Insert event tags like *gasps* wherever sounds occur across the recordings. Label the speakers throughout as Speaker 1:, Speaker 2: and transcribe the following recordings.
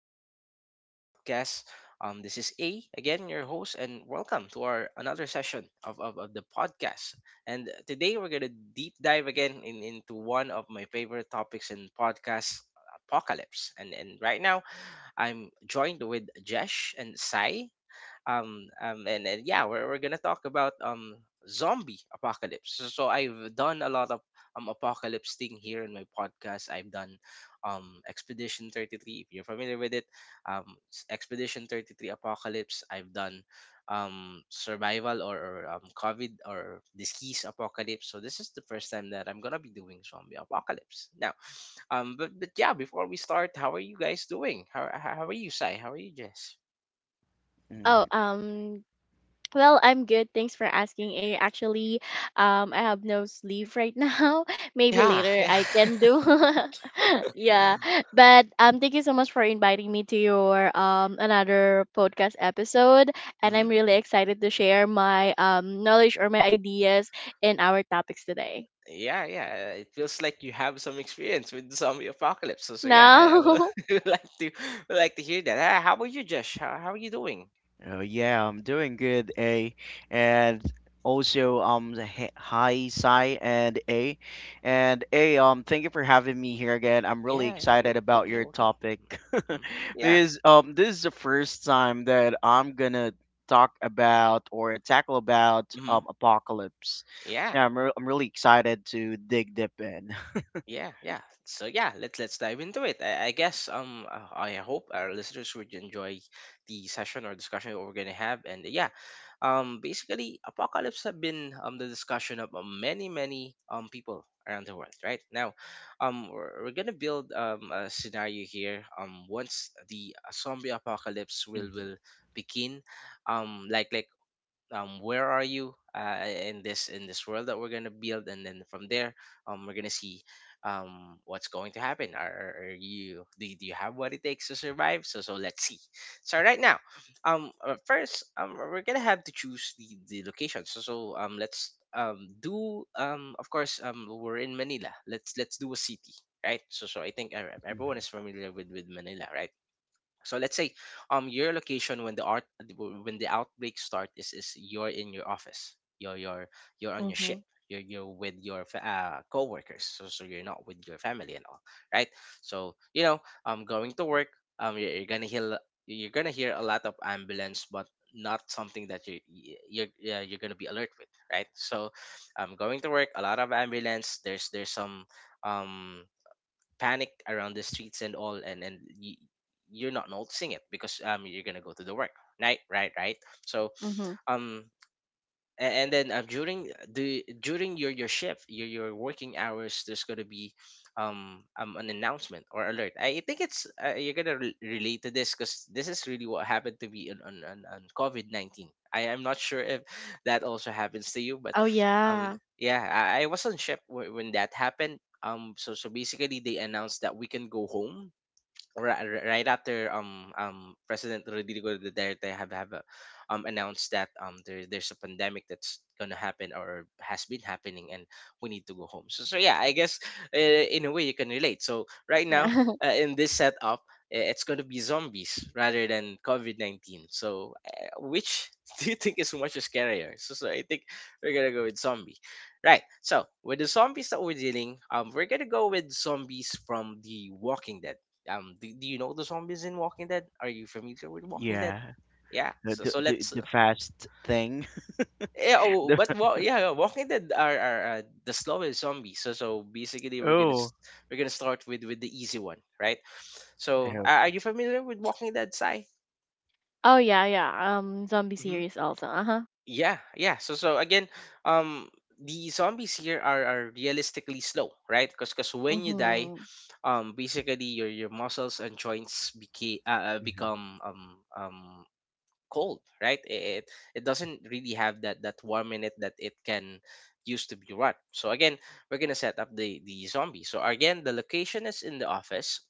Speaker 1: have been listening to our podcast. This is A again, your host, and welcome to our another session of the podcast. And today we're gonna deep dive again into one of my favorite topics in podcast apocalypse. And right now I'm joined with Jesh and Sai, and yeah, we're gonna talk about zombie apocalypse. So I've done a lot of apocalypse thing here in my podcast. I've done expedition 33 if you're familiar with it. um Expedition 33 apocalypse. I've done survival, or covid or disease apocalypse. So this is the first time that I'm gonna be doing zombie apocalypse now. But yeah, before we start, how are you guys doing? How are you, Sai? How are you, Jess?
Speaker 2: Mm.
Speaker 3: Oh, well, I'm good. Thanks for asking. Actually, I have no sleep right now. *laughs* Maybe
Speaker 1: Yeah. *laughs*
Speaker 3: later
Speaker 1: yeah.
Speaker 3: I can do. *laughs* Yeah, but thank you so much for inviting me to your another podcast episode, and
Speaker 1: Hmm.
Speaker 3: I'm really excited to share my knowledge or my ideas in our topics today.
Speaker 1: Yeah, yeah. It feels like you have some experience with the zombie apocalypse. So yeah, I
Speaker 3: Now.
Speaker 1: would *laughs* would like to hear that. Ah, how about you, Josh? How are you doing?
Speaker 2: Oh yeah, I'm doing good, A, and also hi Sai and A, thank you for having me here again. I'm really
Speaker 1: Yeah, yeah. You're
Speaker 2: excited about
Speaker 1: welcome. You're
Speaker 2: your
Speaker 1: welcome.
Speaker 2: topic *laughs*
Speaker 1: Hmm. Yeah.
Speaker 2: because this is the first time that I'm gonna talk about or tackle about
Speaker 1: Hmm.
Speaker 2: apocalypse.
Speaker 1: Yeah.
Speaker 2: Yeah, I'm really excited to dig deep in.
Speaker 1: Yeah. Yeah. So yeah, let's dive into it. I guess, I hope our listeners would enjoy the session or discussion that we're gonna have. And yeah, Basically, apocalypse have been, the discussion of, many, many, people around the world, right? Now, we're gonna build, a scenario here. Once the zombie apocalypse
Speaker 2: Mhm,
Speaker 1: will begin, like, where are you, in this world that we're gonna build, and then from there, we're gonna see, what's going to happen. Are you do, you- do you have what it takes to survive? So let's see. So right now, first, we're gonna have to choose the location. So, let's, do, of course, we're in Manila. Let's do a city, right? So I think, everyone is
Speaker 2: mhm.
Speaker 1: familiar with Manila, right? So let's say, your location when the art when the outbreak start is you're in your office. You're
Speaker 3: *laughs*
Speaker 1: on your ship.
Speaker 3: Mhm.
Speaker 1: You're with your coworkers. So you're not with your family and all, right? So, going to work, you're gonna hear, a lot of ambulance, but not something that you're gonna be alert with, right? So, going to work a lot of ambulance. There's some um panic around the streets and all. And you're not noticing it because you're gonna go to the work. Right, right, right. So,
Speaker 3: Mhm.
Speaker 1: um and then, during your shift, your working hours, there's going to be, an announcement or alert. I think it's, you're going to relate to this because this is really what happened to me on COVID-19. I am not sure if that also happens to you, but,
Speaker 3: Oh
Speaker 1: um
Speaker 3: yeah.
Speaker 1: yeah, I was on ship when that happened, so basically they announced that we can go home right, after, President Rodrigo Duterte have, announced that, there's a pandemic that's gonna happen or has been happening, and we need to go home. So yeah, I guess, uh, in a way you can relate. So right now,
Speaker 3: Yeah. *laughs*
Speaker 1: in this setup, it's gonna be zombies rather than COVID 19. So, which *laughs* do you think is much scarier? So I think we're gonna go with zombie. Right. So with the zombies that we're dealing, we're gonna go with zombies from The Walking Dead. Do you know the zombies in Walking Dead? Are you familiar with Walking Dead?
Speaker 2: Yeah,
Speaker 1: Yeah.
Speaker 2: the,
Speaker 1: So
Speaker 2: the
Speaker 1: so
Speaker 2: the
Speaker 1: let's
Speaker 2: the fast thing.
Speaker 1: yeah. Oh,
Speaker 2: *laughs*
Speaker 1: but
Speaker 2: The,
Speaker 1: yeah, yeah, Walking Dead are the slowest zombies. So basically we're gonna,
Speaker 2: oh,
Speaker 1: we're gonna start with the easy one, right? So,
Speaker 2: okay.
Speaker 1: are you familiar with Walking Dead, Sai?
Speaker 3: Oh yeah, yeah. Zombie
Speaker 1: Hmm.
Speaker 3: series also. Uh huh.
Speaker 1: Yeah, yeah. So again, um, the zombies here are realistically slow, right? Because when you die,
Speaker 3: Mhm.
Speaker 1: basically your muscles and joints
Speaker 2: Mhm,
Speaker 1: become, um cold, right? it it doesn't really have that warm in it that it can used to be rot. So again, we're gonna set up the zombie. So again, the location is in the office.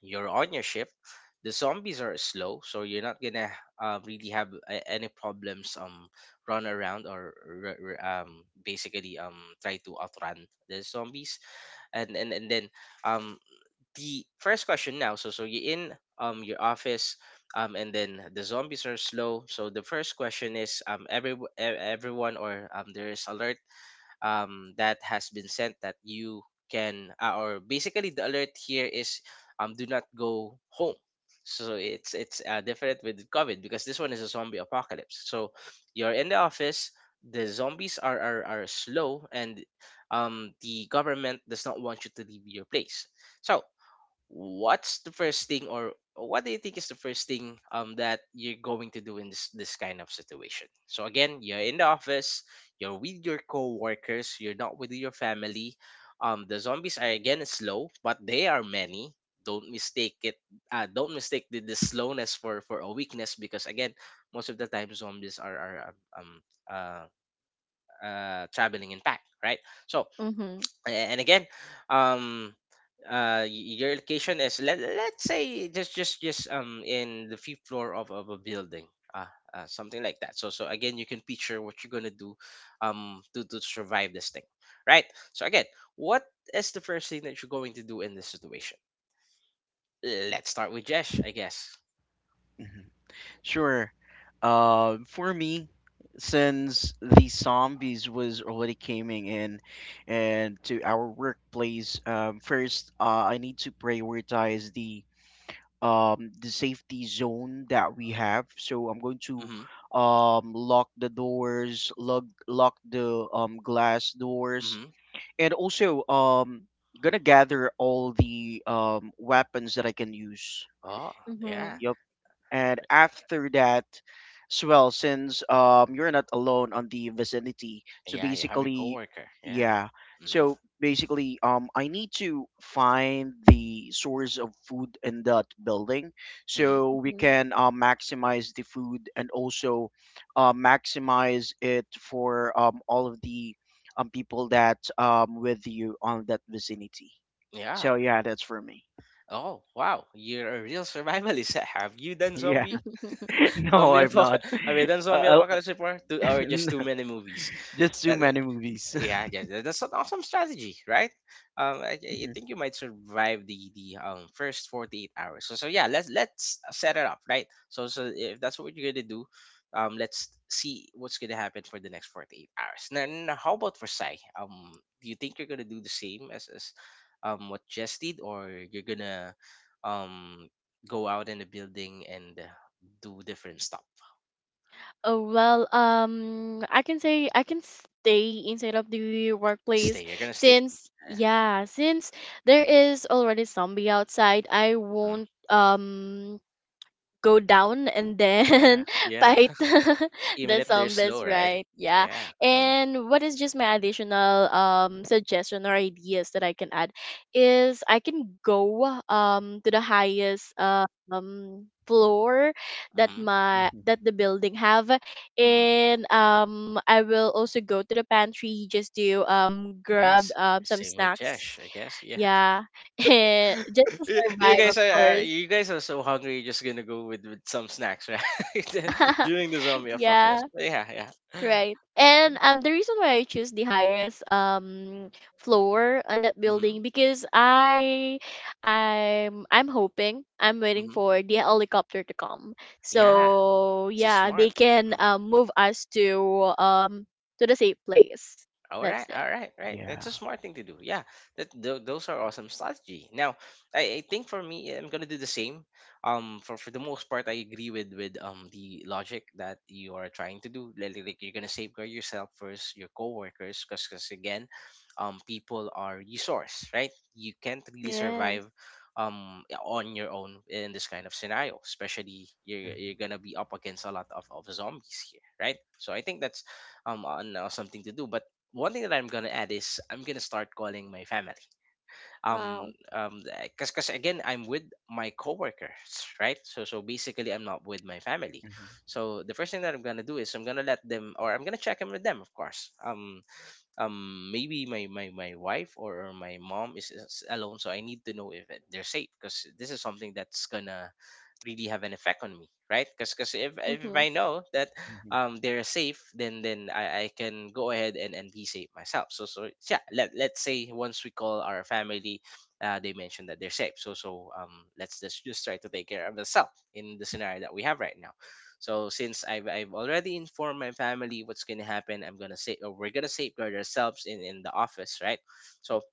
Speaker 1: You're on your shift. The zombies are slow so you're not gonna, really have, any problems, run around or, basically, try to outrun the zombies. And then, um the first question now. So you're in, your office, and then the zombies are slow. So the first question is, every, everyone, or, there is alert, that has been sent, that you can, or basically the alert here is, do not go home. So it's, different with covid, because this one is a zombie apocalypse. So you're in the office. The zombies are slow. And, the government does not want you to leave your place. So what's the first thing, or what do you think is the first thing, that you're going to do in this kind of situation? So again, you're in the office, you're with your coworkers, you're not with your family. The zombies are again slow but they are many. Don't mistake it, don't mistake the slowness for a weakness. Because again, most of the time zombies are uh, traveling in pack, right? So,
Speaker 3: Mhm.
Speaker 1: and again, um your location is, let's say, just in the fifth floor of a building, uh, something like that. So again, you can picture what you're gonna do, to survive this thing, right? So again, what is the first thing that you're going to do in this situation? Let's start with Jesh, I guess.
Speaker 2: mhm. Sure. For me, since the zombies was already coming in and to our workplace, first, I need to prioritize the safety zone that we have. So I'm going to
Speaker 1: Mm-hmm.
Speaker 2: lock the doors, lock the glass doors,
Speaker 1: Mm-hmm.
Speaker 2: and also gonna gather all the weapons that I can use.
Speaker 1: Oh yeah,
Speaker 3: Mhm.
Speaker 2: Yup. And after that, as well, since you're not alone on the vicinity, so
Speaker 1: yeah, you have your
Speaker 2: basically,
Speaker 1: coworker. Yeah.
Speaker 2: yeah.
Speaker 1: Mm-hmm,
Speaker 2: So basically, I need to find the source of food in that building,
Speaker 1: mm-hmm.
Speaker 2: so we
Speaker 3: Mhm.
Speaker 2: can maximize the food, and also maximize it for all of the people that with you on that vicinity.
Speaker 1: Yeah.
Speaker 2: So yeah, that's for me.
Speaker 1: Oh wow, you're a real survivalist. *laughs* Have you
Speaker 2: *laughs*
Speaker 1: done
Speaker 2: Yeah.
Speaker 1: zombie
Speaker 3: *laughs*
Speaker 2: *laughs*
Speaker 1: *laughs*
Speaker 2: No,
Speaker 1: zombie
Speaker 2: I'm not.
Speaker 1: apocalypse? Have you done
Speaker 2: Uh,
Speaker 1: zombie
Speaker 2: I'll-
Speaker 1: apocalypse before? Two, or just too
Speaker 2: *laughs*
Speaker 1: many movies?
Speaker 2: Just too
Speaker 1: That
Speaker 2: many movies.
Speaker 1: Yeah,
Speaker 2: *laughs*
Speaker 1: yes, that's an awesome strategy, right? I
Speaker 2: Mhm,
Speaker 1: think you might survive the first 48 hours. So yeah, let's set it up, right? So if that's what you're gonna do, let's see what's gonna happen for the next 48 hours. Now, how about for Sai? Do you think you're gonna do the same as, what Jess did, or you're gonna, um go out in the building and, do different stuff?
Speaker 3: Oh well, I can say I can stay inside of the workplace
Speaker 1: Stay. You're gonna stay
Speaker 3: since,
Speaker 1: there.
Speaker 3: yeah, since there is already zombie outside, I
Speaker 1: Mhm.
Speaker 3: won't go down and
Speaker 1: Yeah.
Speaker 3: then *laughs*
Speaker 1: Yeah.
Speaker 3: fight *laughs*
Speaker 1: Even
Speaker 3: the
Speaker 1: if they're slow,
Speaker 3: zombies,
Speaker 1: right?
Speaker 3: right? Yeah.
Speaker 1: Yeah. Mm-hmm.
Speaker 3: And what is just my additional suggestion or ideas that I can add is I can go to the highest floor
Speaker 1: Mm-hmm.
Speaker 2: mhm.
Speaker 3: that the building have
Speaker 1: Mm-hmm.
Speaker 3: and I will also go to the pantry just to grab
Speaker 1: Yes.
Speaker 3: some
Speaker 1: Same with
Speaker 3: snacks.
Speaker 1: Jesh, I guess. Yeah.
Speaker 3: Yeah. *laughs* And just to
Speaker 1: *laughs* you you
Speaker 3: survive, of
Speaker 1: guys are uh,
Speaker 3: course.
Speaker 1: you guys are so hungry. You're just gonna go with some snacks, right? *laughs*
Speaker 3: *laughs*
Speaker 1: During the zombie
Speaker 3: Yeah.
Speaker 1: apocalypse. But yeah. Yeah.
Speaker 3: Right. And the reason why I choose the highest floor on that
Speaker 1: Mm-hmm.
Speaker 3: building because I'm hoping I'm waiting
Speaker 1: Mm-hmm.
Speaker 3: for the helicopter to come.
Speaker 1: Yeah.
Speaker 3: So
Speaker 1: So
Speaker 3: yeah,
Speaker 1: smart.
Speaker 3: they can
Speaker 1: Mm-hmm.
Speaker 3: move us to the safe place. That's it.
Speaker 1: All right, right.
Speaker 2: Yeah.
Speaker 1: That's a smart thing to do. Yeah, those are awesome strategy. Now, I think for me, I'm gonna do the same. For the most part, I agree with the logic that you are trying to do. Like, you're gonna safeguard yourself first, your coworkers, because again, people are resource, right? You can't really survive,
Speaker 3: Yes.
Speaker 1: on your own in this kind of scenario, especially
Speaker 2: Mhm,
Speaker 1: you're gonna be up against a lot of zombies here, right? So I think that's, something to do. But one thing that I'm gonna add is I'm gonna start calling my family. Um,
Speaker 3: Wow.
Speaker 1: um, eh, cause, cause again, I'm with my coworkers, right? So, basically, I'm not with my family.
Speaker 2: mhm,
Speaker 1: So the first thing that I'm gonna do is I'm gonna let them, or I'm gonna check in with them, of course. Maybe my wife or my mom is alone, so I need to know if they're safe, because this is something that's gonna really have an effect on me, right? Because if
Speaker 3: Mhm.
Speaker 1: I know that
Speaker 2: mhm.
Speaker 1: they're safe, then I can go ahead and be safe myself. So so yeah, let's say once we call our family, they mentioned that they're safe. So so let's just try to take care of ourselves in the scenario that we have right now. So since I've already informed my family what's gonna happen, I'm gonna say, or we're gonna safeguard ourselves in the office, right? So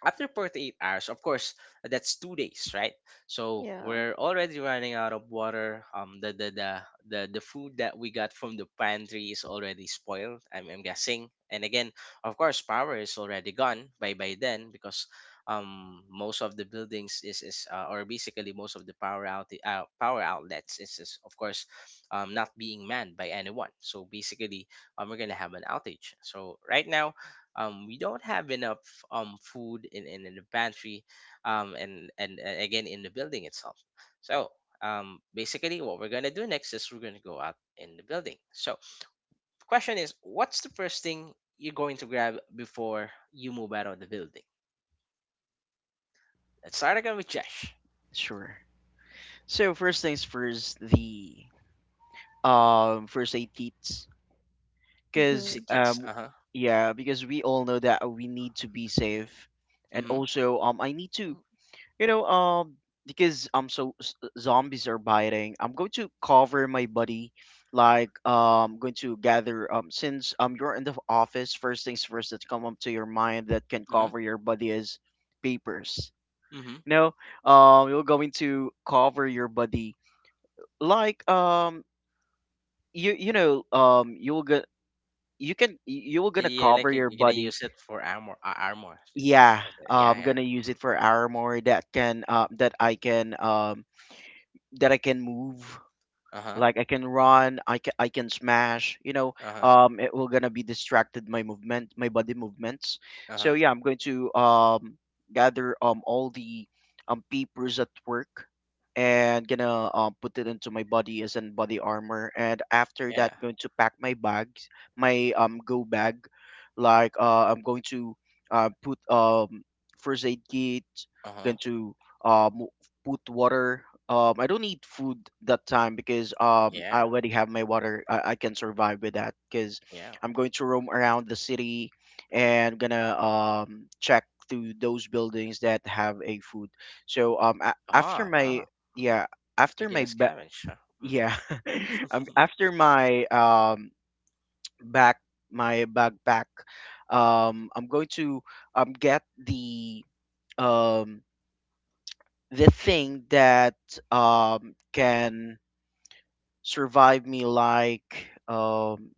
Speaker 1: after 48 hours, of course, that's 2 days, right? So
Speaker 3: Yeah.
Speaker 1: we're already running out of water. The food that we got from the pantry is already spoiled, I'm guessing. And again, of course, power is already gone by then, because most of the buildings is or basically most of the power outlets is, of course, not being manned by anyone. So basically, we're gonna have an outage. So right now, we don't have enough food in the pantry, and again in the building itself. So basically what we're going to do next is we're going to go out in the building. So the question is, what's the first thing you're going to grab before you move out of the building? Let's start again with Josh.
Speaker 2: Sure. So first things first, the first aid kits, because
Speaker 1: First
Speaker 3: Mhm.
Speaker 1: aid kits, uh-huh.
Speaker 2: yeah, because we all know that we need to be safe, and
Speaker 1: Mm-hmm.
Speaker 2: also I need to, You know, um, because so zombies are biting. I'm going to cover my buddy, like going to gather, since you're in the office. First things first that come up to your mind that can
Speaker 1: Mm-hmm.
Speaker 2: cover your buddy is papers.
Speaker 1: Mm-hmm.
Speaker 2: You're going to cover your buddy, like you you know um, you'll get you're gonna
Speaker 1: Yeah, like
Speaker 2: cover your
Speaker 1: you're gonna
Speaker 2: buddy.
Speaker 1: use it for armor, armor.
Speaker 2: Yeah,
Speaker 1: Yeah,
Speaker 2: I'm
Speaker 1: yeah.
Speaker 2: gonna use
Speaker 1: Mhm.
Speaker 2: it for armor that can, that I can that I can move,
Speaker 1: Uh-huh.
Speaker 2: like I can run, I can smash,
Speaker 1: Uh-huh.
Speaker 2: it will gonna be distracted, my body movements. So yeah,
Speaker 1: Uh-huh.
Speaker 2: I'm going to gather all the papers at work, and gonna put it into my body as in body armor, and after
Speaker 1: Yeah.
Speaker 2: that going to pack my bags, my go bag, like I'm going to put first aid kit, going
Speaker 1: Uh-huh.
Speaker 2: to um put water. I don't need food that time because I
Speaker 1: Yeah,
Speaker 2: already have my water. I can survive with that because
Speaker 1: yeah.
Speaker 2: I'm going to roam around the city, and gonna check through those buildings that have a food. So after
Speaker 1: Ah,
Speaker 2: my,
Speaker 1: ah. Mhm.
Speaker 2: yeah after
Speaker 1: Making
Speaker 2: my,
Speaker 1: a scavenge. Huh? Mhm.
Speaker 2: yeah, *laughs* after
Speaker 1: *laughs*
Speaker 2: my, back my backpack, I'm going to get um, the thing that can survive me, like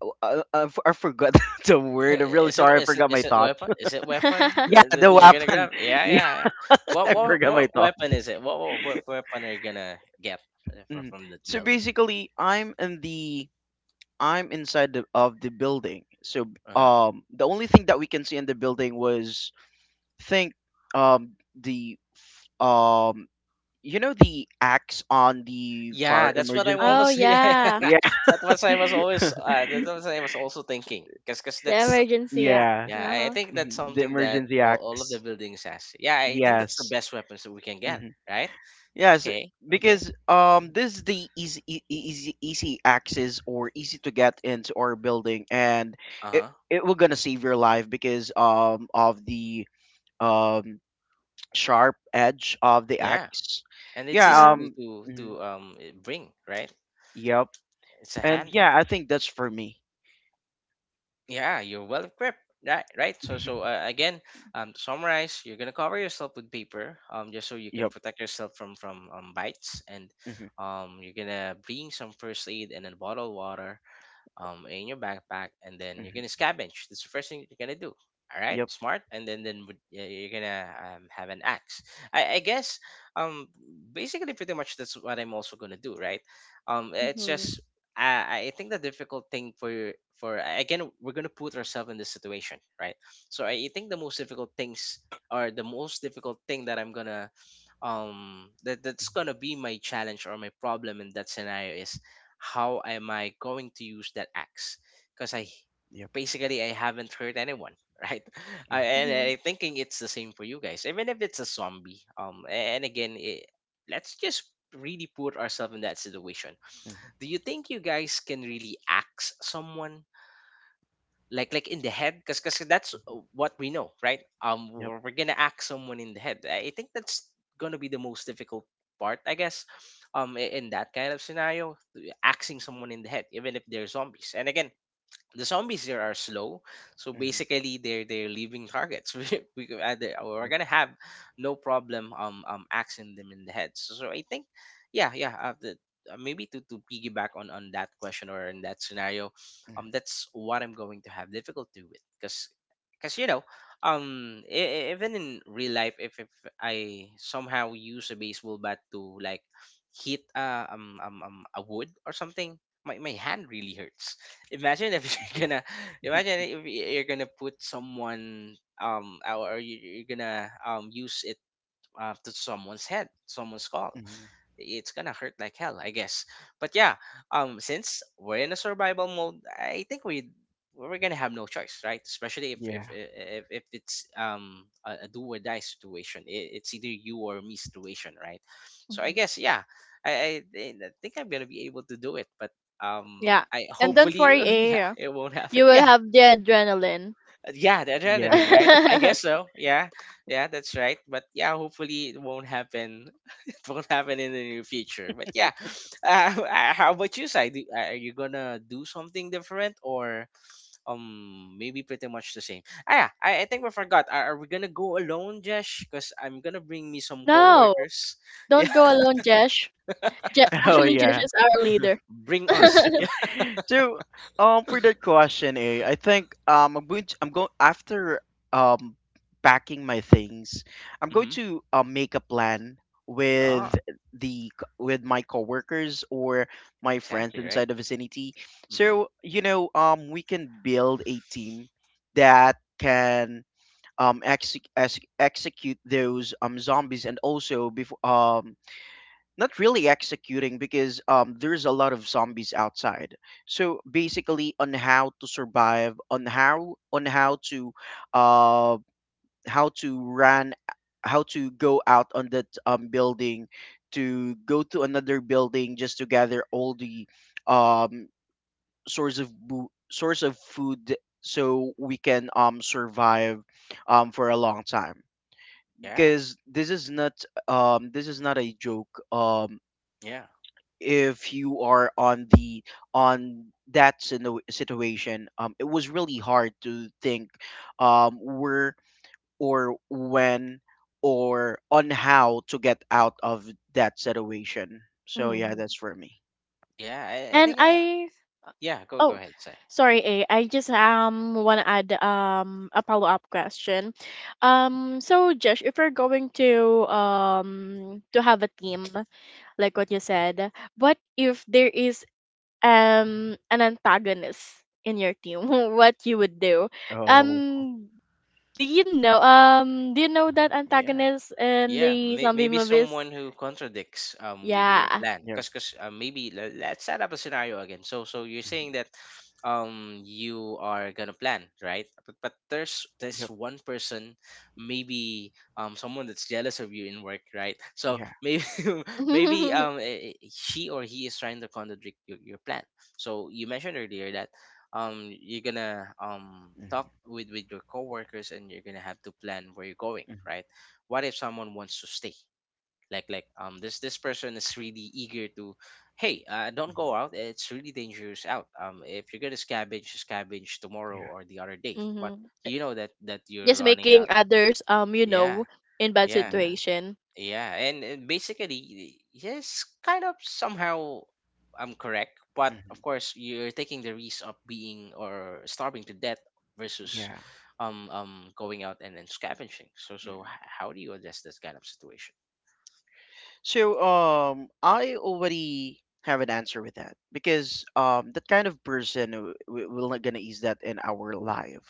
Speaker 2: oh, I forgot *laughs* the word. I'm really
Speaker 1: Is it
Speaker 2: sorry. I
Speaker 1: is it
Speaker 2: forgot my
Speaker 1: is it *laughs*
Speaker 2: thoughts.
Speaker 1: weapon? Is it weapon
Speaker 2: *laughs* Yeah,
Speaker 1: that
Speaker 3: *laughs*
Speaker 2: the
Speaker 1: you're gonna
Speaker 2: weapon.
Speaker 1: grab?
Speaker 2: *laughs*
Speaker 1: Yeah,
Speaker 2: Yeah,
Speaker 1: yeah, yeah. What
Speaker 2: I
Speaker 1: what
Speaker 2: forgot my
Speaker 1: what
Speaker 2: thought.
Speaker 1: weapon is it? What weapon are you gonna get
Speaker 2: Mhm.
Speaker 1: from the
Speaker 2: So
Speaker 1: building?
Speaker 2: basically, I'm inside of the building. So
Speaker 1: Uh-huh.
Speaker 2: the only thing that we can see in the building was, think, um the f- um the axe on the
Speaker 1: Yeah,
Speaker 2: fire
Speaker 1: that's what I'm
Speaker 2: emergency.
Speaker 3: Oh
Speaker 1: always. *laughs* Yeah, yeah.
Speaker 3: yeah.
Speaker 2: Yeah.
Speaker 1: That was I was always. That
Speaker 2: *laughs*
Speaker 1: was I was also thinking. 'Cause
Speaker 3: The
Speaker 1: that's
Speaker 3: emergency act.
Speaker 2: Yeah,
Speaker 1: yeah. I
Speaker 3: Uh-huh.
Speaker 1: think that's
Speaker 2: mhm, the
Speaker 1: something that
Speaker 2: emergency
Speaker 1: all of the
Speaker 2: acts.
Speaker 1: buildings has. Yeah, I think that's the
Speaker 2: Yes.
Speaker 1: best weapons that we can get.
Speaker 2: Hmm.
Speaker 1: Right?
Speaker 2: Yes,
Speaker 1: Okay. Okay.
Speaker 2: because this is the easy easy access, or easy to get into our building, and
Speaker 1: Uh
Speaker 2: it
Speaker 1: huh.
Speaker 2: it will gonna save your life because of the um sharp edge of the
Speaker 1: Yeah.
Speaker 2: axe.
Speaker 1: And it's
Speaker 2: Yeah,
Speaker 1: easy
Speaker 3: Yeah.
Speaker 2: mhm,
Speaker 1: to bring, right?
Speaker 2: yep.
Speaker 1: It's a
Speaker 2: And
Speaker 1: handheld.
Speaker 2: yeah, I think that's for me.
Speaker 1: Yeah, you're well equipped. Right, right. So so
Speaker 2: *laughs*
Speaker 1: again, to summarize, you're gonna cover yourself with paper, just so you can
Speaker 2: Yep.
Speaker 1: protect yourself from bites. And
Speaker 2: Mm-hmm.
Speaker 1: you're gonna bring some first aid and a bottle of water in your backpack, and then you're gonna scavenge. That's the first thing you're gonna do. All right,
Speaker 2: Yup.
Speaker 1: smart. And then you're gonna have an axe. I guess um, basically pretty much that's what I'm also gonna do, right? It's
Speaker 3: Mhm.
Speaker 1: just I think the difficult thing for, again, we're gonna put ourselves in this situation, right? So I think the most difficult things, or the most difficult thing that I'm gonna that's gonna be my challenge or my problem in that scenario is, how am I going to use that axe? Because
Speaker 2: Yup.
Speaker 1: I haven't hurt anyone, *laughs* right?
Speaker 2: Mm-hmm.
Speaker 3: Mhm.
Speaker 1: I thinking it's the same for you guys, even if it's a zombie. And again, it, let's just really put ourselves in that situation.
Speaker 2: Yep.
Speaker 1: Do you think you guys can really axe someone? Like in the head, because that's what we know, right? Um,
Speaker 2: Yep.
Speaker 1: we're gonna act someone in the head. I think that's gonna be the most difficult part, I guess, in that kind of scenario, axing someone in the head, even if they're zombies. And again, the zombies, there are slow, so
Speaker 2: Mm-hmm.
Speaker 1: basically they're leaving targets. *laughs* We could we're
Speaker 2: Yep.
Speaker 1: gonna have no problem axing them in the head. So so I think yeah, yeah. Maybe to piggyback on that question or in that scenario,
Speaker 2: Mm-hmm.
Speaker 1: that's what I'm going to have difficulty with, because you know, even in real life, if I somehow use a baseball bat to, like, hit a wood or something, my hand really hurts. Imagine if *laughs*
Speaker 2: Yep.
Speaker 1: you're gonna, imagine if you're gonna put someone or you're gonna use it, to someone's head, someone's skull,
Speaker 2: Mm-hmm.
Speaker 1: it's gonna hurt like hell, I guess. But yeah, since we're in a survival mode, I think we're gonna have no choice, right? Especially
Speaker 2: Yeah.
Speaker 1: if it's a do or die situation, it's either you or me situation, right? So I
Speaker 3: Mhm.
Speaker 1: guess yeah, I think I'm gonna be able to do it, but
Speaker 3: Yeah.
Speaker 1: I
Speaker 3: And
Speaker 2: Mm.
Speaker 3: don't
Speaker 1: hopefully,
Speaker 3: worry.
Speaker 1: *laughs* yeah, it won't happen.
Speaker 3: You will
Speaker 1: Yeah,
Speaker 3: have the adrenaline.
Speaker 1: yeah, the
Speaker 2: Yeah. *laughs*
Speaker 1: adrenaline, right? I guess
Speaker 3: *laughs*
Speaker 1: so. Yeah, yeah, that's right. But yeah, hopefully it won't happen. *laughs* It won't happen in the near future. But yeah, *laughs* uh, how about you, Sai? Are you gonna do something different, or maybe pretty much the same? Ah, yeah, I think we forgot. Are we gonna go alone, Josh? Because I'm gonna bring me some
Speaker 3: No,
Speaker 1: coworkers. *laughs* Yeah,
Speaker 3: don't go alone, Jesh.
Speaker 2: Oh
Speaker 3: Actually, Jesh
Speaker 2: yeah.
Speaker 3: is our leader.
Speaker 1: bring us. *laughs*
Speaker 3: *laughs*
Speaker 1: Yeah.
Speaker 2: So, for that question, I think I'm going after um packing my things. I'm going
Speaker 1: Mm-hmm.
Speaker 2: to make a plan
Speaker 1: Oh,
Speaker 2: with with my coworkers or my friends
Speaker 1: exactly right.
Speaker 2: inside the vicinity.
Speaker 1: Mm-hmm.
Speaker 2: So, we can build a team that can execute those zombies, and also before, not really executing, because there's a lot of zombies outside. So basically, on how to survive, on uh, how to run, how to go out on that building, to go to another building just to gather all the um, source of food, so we can survive for a long time,
Speaker 1: Yeah,
Speaker 2: because this is not a joke.
Speaker 1: yeah,
Speaker 2: If you are on that situation, it was really hard to think where or when or on how to get out of that situation. So yeah, that's
Speaker 3: Mhm.
Speaker 2: for me.
Speaker 1: yeah.
Speaker 3: And I
Speaker 1: Yeah, go go
Speaker 3: Oh,
Speaker 1: ahead, Sai.
Speaker 3: sorry, A. I just want to add a follow-up question. So Josh, if you're going to have a team, like what you said, what if there is an antagonist in your team? *laughs* What you would do?
Speaker 2: Oh,
Speaker 3: Um, do you know
Speaker 2: mhm,
Speaker 1: Mm,
Speaker 3: that
Speaker 1: yeah.
Speaker 3: antagonist in
Speaker 1: Yeah,
Speaker 3: the
Speaker 1: may,
Speaker 3: zombie
Speaker 1: maybe
Speaker 3: movies?
Speaker 1: someone who contradicts your
Speaker 3: Yeah.
Speaker 1: plan,
Speaker 2: yep.
Speaker 1: cause maybe let's set up a scenario again. So so you're saying
Speaker 2: Mhm,
Speaker 1: that you are gonna plan, right, but there's this
Speaker 2: yep,
Speaker 1: one person, maybe someone that's jealous of you in work, right? So
Speaker 2: yeah,
Speaker 1: maybe *laughs* maybe
Speaker 3: *laughs*
Speaker 1: she or he is trying to contradict your plan. So you mentioned earlier that you're gonna
Speaker 2: mhm,
Speaker 1: talk with your coworkers and you're gonna have to plan where you're going,
Speaker 2: mhm,
Speaker 1: right? What if someone wants to stay, like this person is really eager to, hey, don't
Speaker 2: mhm,
Speaker 1: go out, it's really dangerous out. Um, if you're gonna scavenge tomorrow
Speaker 2: yeah,
Speaker 1: or the other day, but
Speaker 3: Mm-hmm.
Speaker 1: you know that you're
Speaker 3: Just
Speaker 1: running out.
Speaker 3: making others
Speaker 1: Yeah,
Speaker 3: in bad
Speaker 1: yeah.
Speaker 2: yeah,
Speaker 3: situation.
Speaker 1: Yeah, and basically yes, kind of somehow I'm correct, but of
Speaker 2: mhm,
Speaker 1: course you're taking the risk of being, or starving to death, versus
Speaker 2: yeah,
Speaker 1: going out and then scavenging. So so
Speaker 2: mhm.
Speaker 1: how do you address this kind of situation?
Speaker 2: So I already have an answer with that, because that kind of person, we're not gonna use that in our life,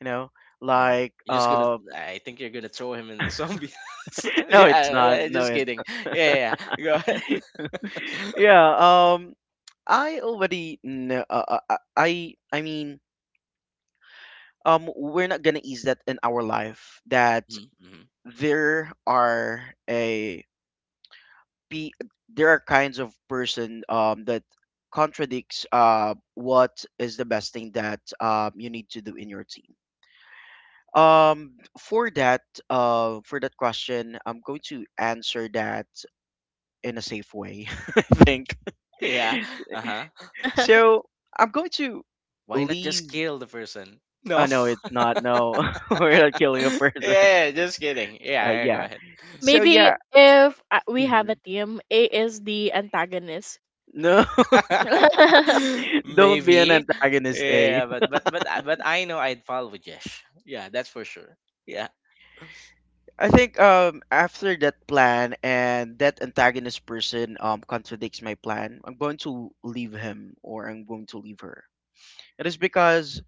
Speaker 2: you know?
Speaker 1: Yeah,
Speaker 2: Like
Speaker 1: you're just gonna, I think you're gonna throw him in the zombie. *laughs* So,
Speaker 2: *laughs* no it's not
Speaker 1: yeah,
Speaker 2: no
Speaker 1: just
Speaker 2: it
Speaker 1: kidding. Yeah, yeah. Yeah. Go ahead.
Speaker 2: *laughs*
Speaker 1: *laughs*
Speaker 2: yeah I already know I mean we're not gonna use that in our life that
Speaker 1: Hmm, hmm.
Speaker 2: there are a be there are kinds of person that contradicts what is the best thing that you need to do in your team um for that for that question I'm going to answer that in a safe way *laughs* I think
Speaker 1: *laughs* Yeah.
Speaker 2: *laughs*
Speaker 1: Uh huh.
Speaker 3: *laughs*
Speaker 2: so I'm going to
Speaker 1: Why not just
Speaker 2: leave
Speaker 1: kill the person?
Speaker 2: oh
Speaker 1: No.
Speaker 2: no, it's not, no. *laughs* We're not killing a
Speaker 1: *laughs*
Speaker 2: person.
Speaker 1: Yeah, yeah, just kidding.
Speaker 2: *laughs*
Speaker 1: Yeah, yeah. Go
Speaker 2: Yeah,
Speaker 1: ahead.
Speaker 2: so
Speaker 3: Maybe
Speaker 2: yeah,
Speaker 3: if we have a
Speaker 2: mhm.
Speaker 3: team, A is the antagonist.
Speaker 2: No.
Speaker 3: *laughs*
Speaker 1: *laughs*
Speaker 2: *laughs* Don't be an
Speaker 1: Maybe.
Speaker 2: antagonist.
Speaker 1: Yeah, but but I know I'd follow Jesh. Yeah, that's for sure. Yeah.
Speaker 2: I think after that plan, and that antagonist person contradicts my plan, I'm going to leave him or I'm going to leave her. It is because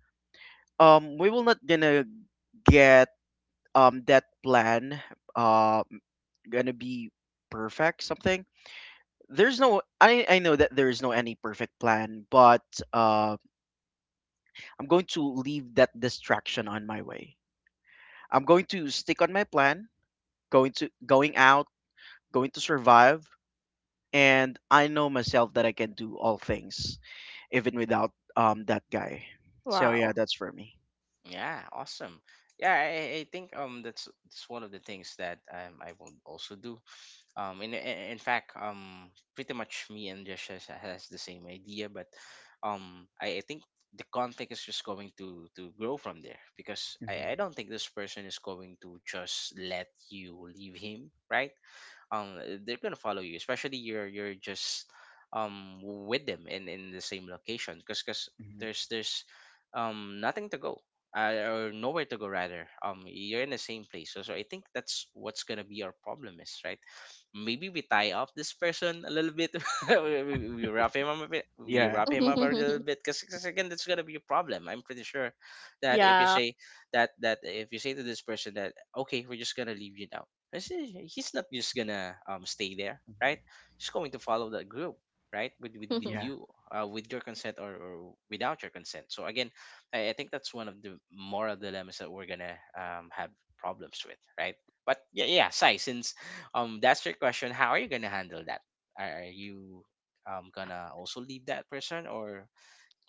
Speaker 2: we will not gonna get that plan um gonna be perfect something. There's no, I know that there is no any perfect plan, but uh I'm going to leave that distraction on my way. I'm going to stick on my plan, going to going out, going to survive, and I know myself that I can do all things, even without that guy. So yeah,
Speaker 3: Wow.
Speaker 2: that's for me.
Speaker 1: Yeah, awesome. Yeah, I think that's one of the things that I will also do. In fact, pretty much me and Josh has the same idea, but I think the conflict is just going to grow from there, because
Speaker 2: Hmm.
Speaker 1: I don't think this person is going to just let you leave him, right? Um, they're gonna follow you, especially you're just with them in the same location, because
Speaker 2: Hmm.
Speaker 1: there's nothing to go, or nowhere to go rather. Um, you're in the same place, so, so I think that's what's gonna be our problem, is, right, maybe we tie up this person a little bit. *laughs* We wrap him up a bit, we
Speaker 2: Yeah.
Speaker 1: wrap him up a little
Speaker 3: *laughs*
Speaker 1: bit, because again that's gonna be a problem, I'm pretty sure, that if you
Speaker 3: Yeah.
Speaker 1: say that that if you say to this person that, okay, we're just gonna leave you now, I see, he's not just gonna stay there,
Speaker 2: Hmm.
Speaker 1: right? He's going to follow that group, right? With
Speaker 3: *laughs*
Speaker 2: Yeah.
Speaker 1: you, with your consent, or without your consent. So again, I think that's one of the moral dilemmas that we're gonna have problems with, right? But yeah, yeah, Sai, since that's your question, how are you gonna handle that? Are you gonna also leave that person, or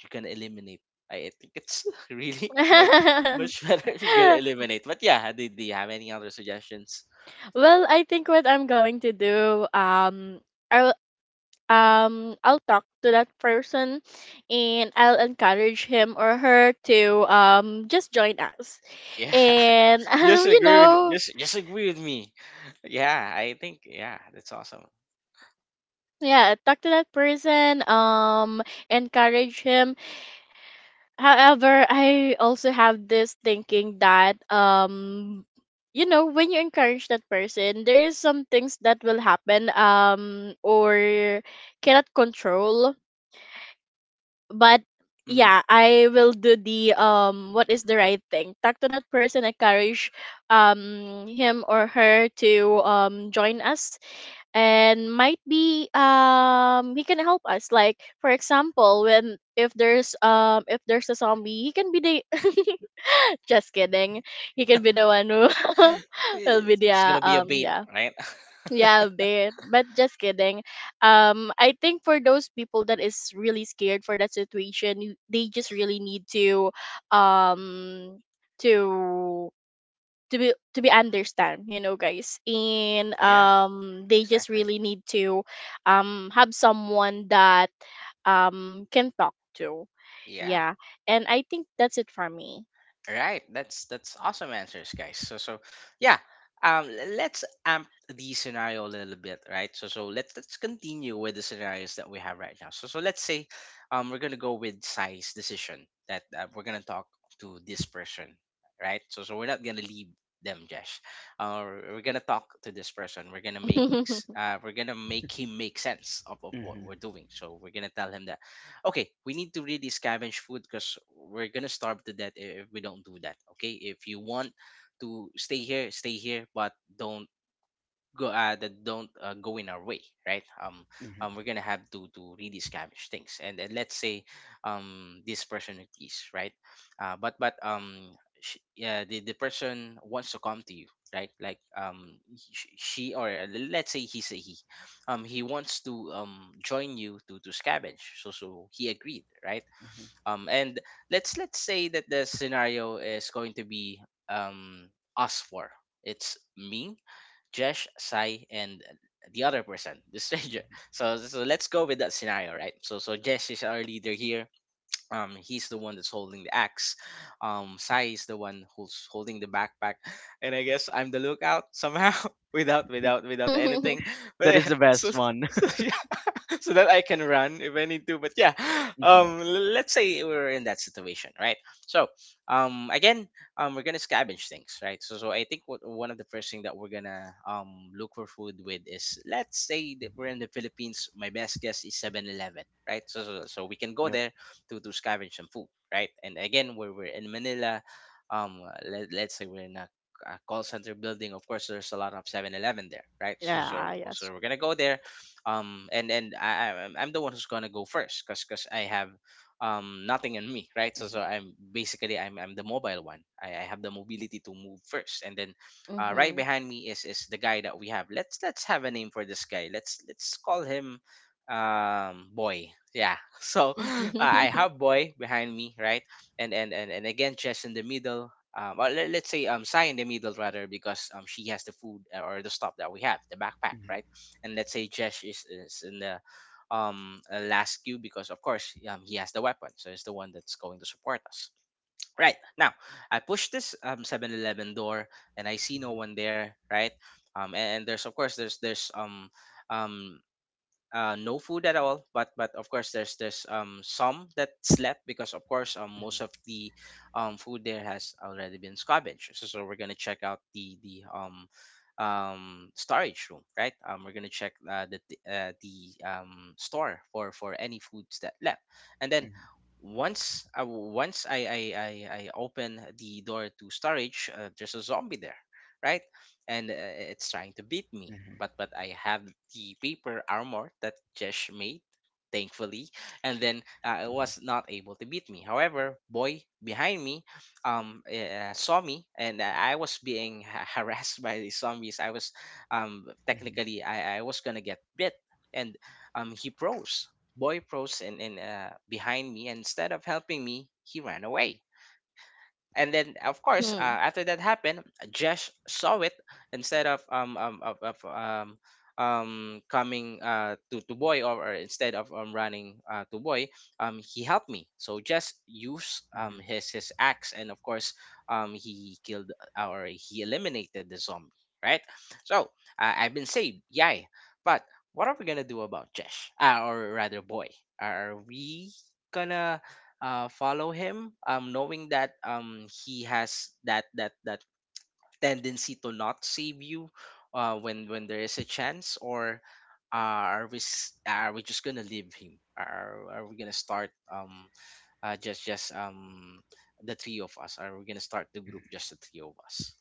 Speaker 1: you're gonna eliminate? I think it's *laughs* really much much *laughs* better if you're gonna eliminate. But yeah, do, do you have any other suggestions?
Speaker 3: Well, I think what I'm going to do, i'll I'll talk to that person and I'll encourage him or her to just join us,
Speaker 1: Yeah,
Speaker 3: and *laughs*
Speaker 1: *laughs* just agree with, just agree with me. Yeah, I think yeah, that's awesome.
Speaker 3: yeah, talk to that person, encourage him. However, I also have this thinking that when you encourage that person there is some things that will happen, or cannot control. But
Speaker 1: Hmm.
Speaker 3: yeah, I will do the what is the right thing, talk to that person, encourage him or her to join us, and might be he can help us, like for example, when if there's a zombie, he can be the *laughs* just kidding, he can be the one who *laughs* will be the
Speaker 1: It's gonna be a bait,
Speaker 3: yeah.
Speaker 1: right? *laughs*
Speaker 3: Yeah, bit but just kidding. I think for those people that is really scared for that situation, they just really need um to be understand, guys. And
Speaker 1: Yeah,
Speaker 3: they just
Speaker 1: exactly.
Speaker 3: really need to have someone that can talk to,
Speaker 1: Yeah.
Speaker 3: yeah. And I think that's it for me.
Speaker 1: Right. That's awesome answers, guys. So so yeah. Um, let's amp the scenario a little bit, right? So so let's continue with the scenarios that we have right now. So so let's say we're gonna go with size decision, that we're gonna talk to this person, right? So so we're not gonna leave them, Jesh. Uh, we're gonna talk to this person. We're gonna
Speaker 3: *laughs*
Speaker 1: we're gonna make him make sense of
Speaker 2: Hmm.
Speaker 1: what
Speaker 2: Hmm.
Speaker 1: we're doing. So we're gonna tell him that, okay, we need to really scavenge food because we're gonna starve to death if we don't do that. Okay, if you want to stay here, but don't go that don't go in our way, right?
Speaker 2: Hmm.
Speaker 1: We're gonna have to really scavenge things, and then let's say this person agrees, right? But sh Yeah, the person wants to come to you, right? Like she or let's say he's a he. He wants to join you to scavenge, so he agreed, right? And Let's say that the scenario is going to be um us four. It's me, Jesh, Sai, and the other person, the stranger. *laughs* So, let's go with that scenario, right? So, Jesh is our leader here. He's the one that's holding the axe. Sai is the one who's holding the backpack, and I guess I'm the lookout somehow, *laughs*
Speaker 2: Hmm. *laughs*
Speaker 1: without anything. *laughs* But
Speaker 2: That
Speaker 1: yeah,
Speaker 2: is the
Speaker 1: so,
Speaker 2: best one.
Speaker 1: so *laughs* yeah. *laughs* So that I can run if I need to. But yeah, *gasps*
Speaker 2: *laughs* Hmm.
Speaker 1: let's say we're in that situation, right? So, again, we're gonna scavenge things, right? So, so I think one of the first thing that we're gonna look for food with is, let's say that we're in the Philippines. My best guess is 7-Eleven, right? So we can go
Speaker 2: Yep.
Speaker 1: there to scavenge some food, right? And again, where we're in Manila, let's say we're in a call center building. Of course there's a lot of 7-Eleven there, right?
Speaker 2: Hmm.
Speaker 3: Yeah, yes.
Speaker 1: So we're gonna go there. I'm the one who's gonna go first because I have nothing in me, right? So
Speaker 2: Hmm.
Speaker 1: I'm basically, I'm the mobile one. I have the mobility to move first, and then right
Speaker 3: Mm-hmm.
Speaker 1: behind me is the guy that we have. Let's have a name for this guy. Let's call him boy. Yeah. *laughs* So
Speaker 2: Hmm.
Speaker 1: I
Speaker 2: Hmm.
Speaker 3: Mm-hmm.
Speaker 1: have boy behind me, right? And again, chess in the middle. Let's say Sai in the middle rather, because she has the food, or the stuff that we have, the backpack,
Speaker 2: Hmm.
Speaker 1: right? And let's say Jesh is in the last queue, because of course he has the weapon, so he's the one that's going to support us. Right now, I push this 7-Eleven door and I see no one there. Right, and there's, of course there's, um no food at all. But of course there's some that slept, because of course most of the food there has already been scavenged. So we're gonna check out the storage room, right? We're gonna check the store for any foods that left. And then
Speaker 2: Hmm.
Speaker 1: once I I open the door to storage, there's a zombie there, right? And it's trying to beat me. But I have the paper armor that Jesh made, thankfully, and then it was not able to beat me. However, boy behind me, saw me, and I was being *laughs* harassed by the zombies. I was,
Speaker 2: Hmm. Hmm.
Speaker 1: technically I was gonna get bit, and he froze. Boy froze, and behind me. And instead of helping me, he ran away. And then of course
Speaker 3: *laughs*
Speaker 1: after that happened, Josh saw it. Instead of coming to boy, or instead of running to boy, he helped me. So just use
Speaker 2: Hmm.
Speaker 1: his axe, and of course he killed, or he eliminated the zombie, right? So I've been saved, yay. But what are we gonna do about Josh, or rather boy? Are we gonna follow him, knowing that he has that tendency to not save you when there is a chance? Or are we just gonna leave him? Are we gonna start just the three of us? Are we gonna start the group just the three of us?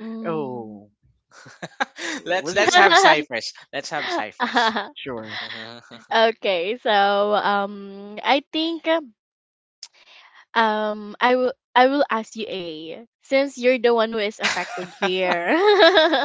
Speaker 3: Mm.
Speaker 2: Oh,
Speaker 1: *laughs* Let's
Speaker 2: was there?
Speaker 1: have ciphers. Let's have ciphers.
Speaker 3: *laughs* *laughs*
Speaker 2: Sure.
Speaker 3: Okay, so I think I will ask you, A, since you're the one who is affected
Speaker 1: *laughs*
Speaker 3: here.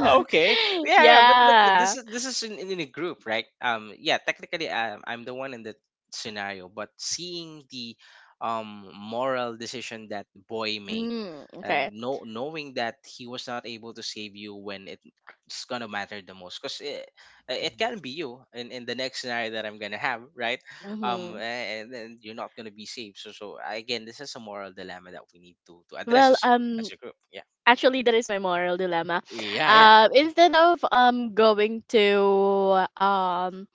Speaker 1: Oh, okay. Yeah, yeah, but
Speaker 3: Yeah.
Speaker 1: this is, this is in a group, right? Yeah, technically, I'm the one in that scenario, but seeing the moral decision that boy made,
Speaker 3: Mm, okay.
Speaker 1: and no, knowing that he was not able to save you when it's gonna matter the most, because it
Speaker 2: Mhm.
Speaker 1: can be you in the next scenario that I'm gonna have, right?
Speaker 3: Mm-hmm.
Speaker 1: And then you're not gonna be saved. So again, this is a moral dilemma that we need to address
Speaker 3: Well,
Speaker 1: as a, as a group. Yeah,
Speaker 3: actually, that is my moral dilemma.
Speaker 1: yeah, yeah.
Speaker 3: Instead of going to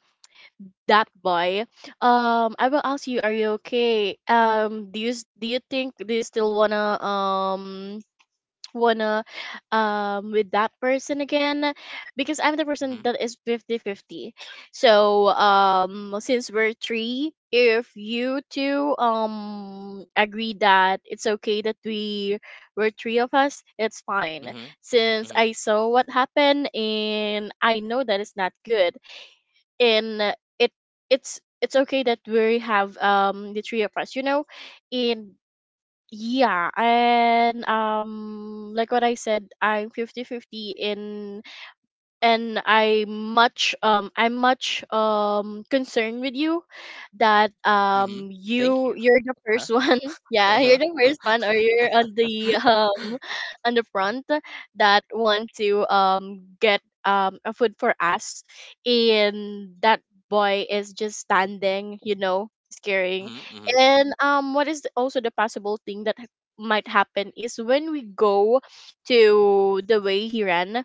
Speaker 3: that boy, I will ask you, are you okay? Do you do you think, do you still wanna wanna with that person again because I'm the person
Speaker 1: Hmm.
Speaker 3: that is 50-50. So since we're three, if you two agree that it's okay that we were three of us, it's fine. Since
Speaker 1: Hmm.
Speaker 3: I saw what happened and I know that it's not good, and it's okay that we have the three of us, you know? And yeah, and like what I said, I'm 50-50 in. And I'm much concerned with you that
Speaker 1: Mm-hmm. Thank
Speaker 3: you
Speaker 1: you.
Speaker 3: you're the
Speaker 1: Uh-huh.
Speaker 3: first *laughs*
Speaker 1: *laughs*
Speaker 3: one. Yeah, you're
Speaker 1: Uh-huh.
Speaker 3: the first one, or you're on the front that want to get a food for us, and that boy is just standing, scaring,
Speaker 1: Mm-hmm. Mm-hmm.
Speaker 3: and what is the, also the possible thing that might happen is when we go to the way he ran,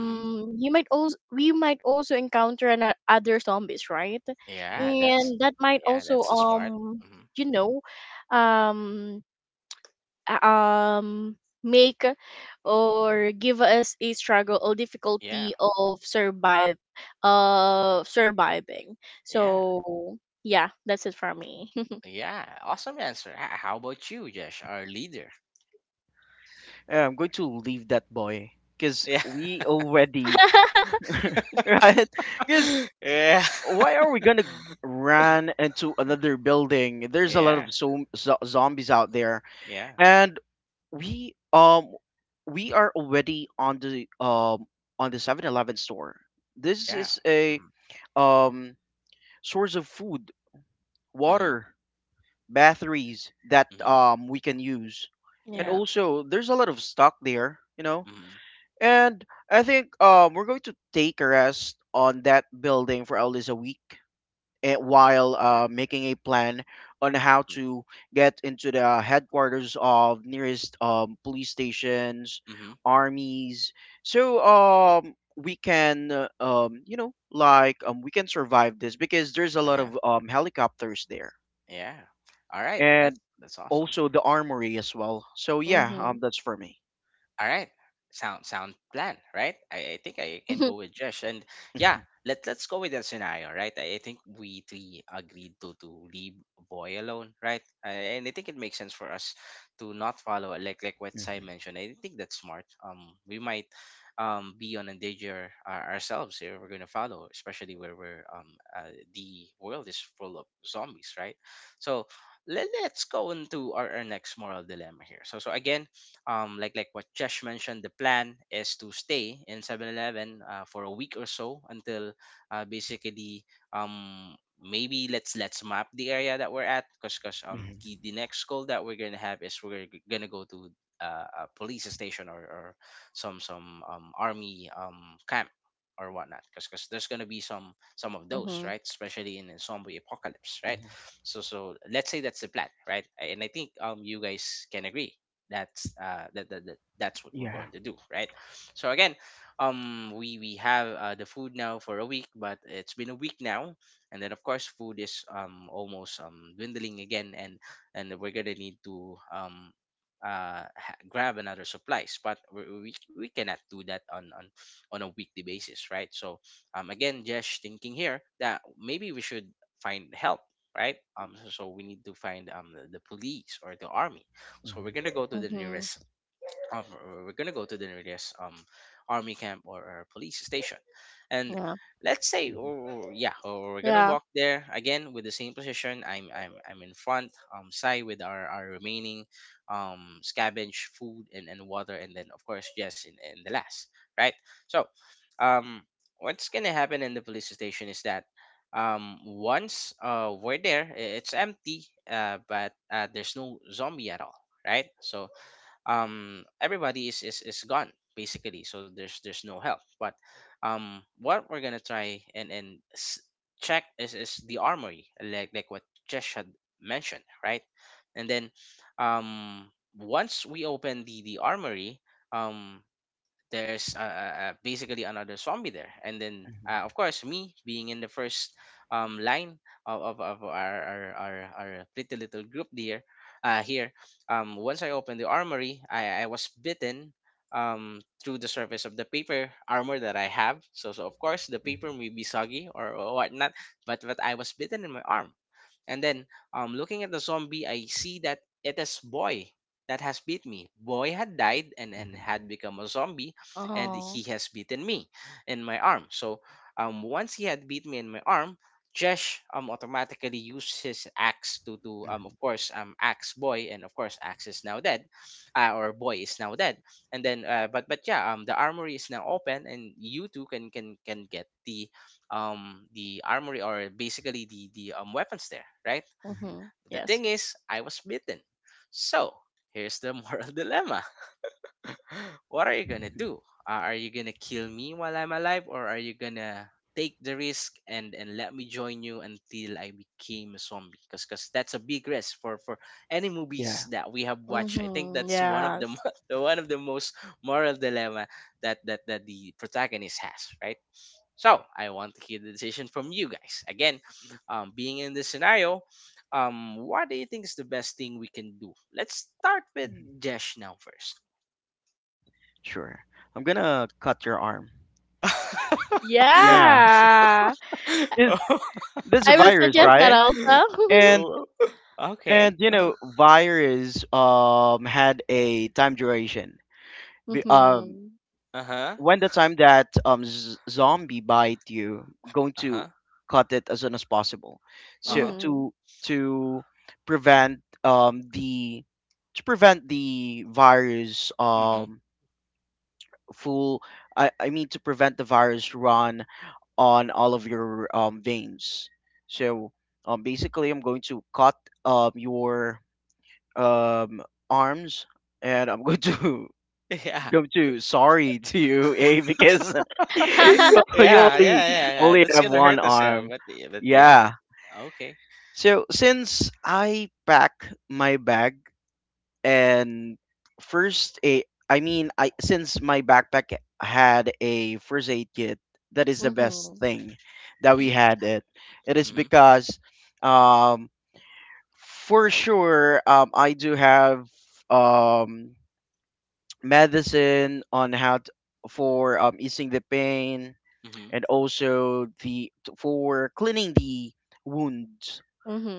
Speaker 1: Mm-hmm.
Speaker 3: you might also we might also encounter an, other zombies, right?
Speaker 2: Yep.
Speaker 1: Yeah, that's
Speaker 3: And that might
Speaker 1: yeah,
Speaker 3: also
Speaker 1: that's a smart. Mm-hmm.
Speaker 3: you know um a- um make or give us a struggle or
Speaker 1: Yeah,
Speaker 3: difficulty of survive of surviving.
Speaker 1: yeah,
Speaker 3: So yeah, that's it for me. *laughs*
Speaker 1: yeah. Awesome answer. How about you, Josh, our leader?
Speaker 2: I'm going to leave that boy, because
Speaker 1: Yeah,
Speaker 2: we already, *laughs* right? 'Cause
Speaker 1: *laughs* yeah,
Speaker 2: Why are we gonna run into another building?
Speaker 1: *laughs*
Speaker 2: There's a lot
Speaker 1: yeah,
Speaker 2: of zombies out there,
Speaker 1: yeah,
Speaker 2: and we um we are already on the 7-Eleven store. This
Speaker 1: yeah.
Speaker 2: is a
Speaker 1: Mm-hmm.
Speaker 2: um source of food,
Speaker 1: Mm-hmm.
Speaker 2: water, batteries that
Speaker 1: Mm-hmm.
Speaker 2: we can use, and
Speaker 1: Yeah.
Speaker 3: Yeah.
Speaker 2: also there's a lot of stock there.
Speaker 1: Mm-hmm.
Speaker 2: And I think we're going to take a rest on that building for at least a week,
Speaker 1: Oh,
Speaker 2: while
Speaker 1: yeah.
Speaker 2: making a plan on how to get into the headquarters of nearest police stations,
Speaker 1: Mm-hmm.
Speaker 2: armies. So we can, survive this, because there's a lot
Speaker 1: Yeah.
Speaker 2: of helicopters there,
Speaker 1: Yeah. All right.
Speaker 2: and
Speaker 1: That's awesome.
Speaker 2: also the armory as well. So yeah,
Speaker 3: Mhm.
Speaker 2: that's for me.
Speaker 1: All right. Sound plan, right? I think I
Speaker 3: *laughs*
Speaker 1: can
Speaker 3: Mhm.
Speaker 1: go with Josh. And yeah,
Speaker 2: Mhm,
Speaker 1: let let's go with that scenario, right? I think we three agreed to leave boy alone, right? And I think it makes sense for us to not follow, like what Sai
Speaker 2: mhm,
Speaker 1: mentioned. I think that's smart. We might be on a danger ourselves here if we're going to follow, especially where we're the world is full of zombies, right? So let, let's go into our next moral dilemma here. Again, like what Jesh mentioned, the plan is to stay in 7-Eleven for a week or so, until basically, maybe let's map the area that we're at, because
Speaker 2: mhm,
Speaker 1: the next goal that we're gonna have is, we're gonna go to a police station, or some army camp or whatnot, because there's gonna be some of those,
Speaker 3: Mhm.
Speaker 1: right? Especially in a zombie apocalypse, right?
Speaker 2: mhm.
Speaker 1: So, let's say that's the plan, right? And I think you guys can agree that's that's what we're
Speaker 2: Yeah.
Speaker 1: going to do, right? So again, we have the food now for a week. But it's been a week now, and then of course food is almost dwindling again. And we're gonna need to grab another supplies. But we cannot do that on a weekly basis, right? So again, just thinking here that maybe we should find help, right? So, so we need to find the police or the army. So
Speaker 2: Mhm,
Speaker 1: we're gonna go to the
Speaker 3: Mhm.
Speaker 1: nearest of, we're gonna go to the nearest army camp or police station. And
Speaker 3: *laughs* Yeah,
Speaker 1: let's say,
Speaker 2: mhm,
Speaker 1: yeah, or we're gonna
Speaker 3: yeah.
Speaker 1: walk there again with the same position. I'm in front, side with our remaining scavenge food, and water, and then of course yes in the last, right? So um what's gonna happen in the police station is that once we're there, it's empty. But There's no zombie at all, right? So everybody is gone basically, so there's no help. But what we're gonna try and check is the armory, like what Jesh had mentioned, right? And then um once we open the armory, um there's, basically another zombie there. And then
Speaker 2: mhm,
Speaker 1: of course me being in the first line of our pretty little group there, here, once I opened the armory, I was bitten, through the surface of the paper armor that I have. So, so of course the paper
Speaker 2: mhm,
Speaker 1: may be soggy or whatnot, but I was bitten in my arm. And then looking at the zombie, I see that it is boy that has beat me. Boy had died, and
Speaker 2: mhm,
Speaker 1: had become a zombie, and
Speaker 3: Oh.
Speaker 1: he has beaten me in my arm. So once he had beat me in my arm, Jesh automatically used his axe to of
Speaker 2: mhm,
Speaker 1: course axe boy, and of course axe is now dead, or boy is now dead. And then but yeah, the armory is now open, and you two can get the armory, or basically the weapons there, right.
Speaker 2: mhm.
Speaker 3: Mhm.
Speaker 1: The
Speaker 3: Yes.
Speaker 1: thing is I was beaten, so here's the moral *laughs* dilemma. What are you gonna do? Are you gonna kill me while I'm alive, or are you gonna take the risk and let me join you until I became a zombie? Because that's a big risk for any
Speaker 2: Yeah.
Speaker 1: movies that we have watched. I think
Speaker 3: Mhm.
Speaker 1: that's one of the
Speaker 3: Yes.
Speaker 1: mo- *laughs* the one of the most moral dilemma that the protagonist has, right? So I want to hear the decision from you guys. Again, being in this scenario, what do you think is the best thing we can do? Let's start with Jesh now first.
Speaker 2: Sure. I'm gonna cut your arm. Yeah.
Speaker 1: *laughs*
Speaker 3: Yeah.
Speaker 2: Is
Speaker 1: Oh,
Speaker 2: this a
Speaker 3: I will
Speaker 2: virus,
Speaker 1: *laughs*
Speaker 3: suggest that
Speaker 2: right?
Speaker 1: okay.
Speaker 3: also. *laughs*
Speaker 2: And
Speaker 1: Oh, okay.
Speaker 2: and
Speaker 1: Uh-huh.
Speaker 2: virus had a time duration. Be- Um,
Speaker 3: Mhm.
Speaker 1: Uh-huh.
Speaker 2: when the time that zombie bite you, going
Speaker 1: Uh-huh.
Speaker 2: to cut it as soon as possible,
Speaker 3: Mhm.
Speaker 2: so
Speaker 1: Uh-huh.
Speaker 3: Mhm. Mhm.
Speaker 2: to prevent, the virus
Speaker 1: hmm
Speaker 2: full. I mean, to prevent the virus run on all of your veins. So basically, I'm going to cut your um, arms, and I'm going to
Speaker 1: *laughs*
Speaker 2: *laughs*
Speaker 1: Yeah.
Speaker 2: go to, sorry, *laughs* to you? Because *laughs* you,
Speaker 1: *laughs*
Speaker 2: you
Speaker 1: Yeah, yeah,
Speaker 2: only
Speaker 1: yeah, yeah.
Speaker 2: only
Speaker 1: That's
Speaker 2: have
Speaker 1: gonna
Speaker 2: one
Speaker 1: hurt us now,
Speaker 2: arm.
Speaker 1: but yeah,
Speaker 2: Yeah.
Speaker 1: that's okay.
Speaker 2: So since I pack my bag, and first aid I mean I since my backpack had a first aid kit, that is the best
Speaker 3: *laughs*
Speaker 2: thing that we
Speaker 1: Mm-hmm.
Speaker 2: had it. It is
Speaker 1: Mm-hmm.
Speaker 2: because um for sure I do have um medicine, for easing the pain,
Speaker 1: Mm-hmm.
Speaker 2: and also the for cleaning the wound,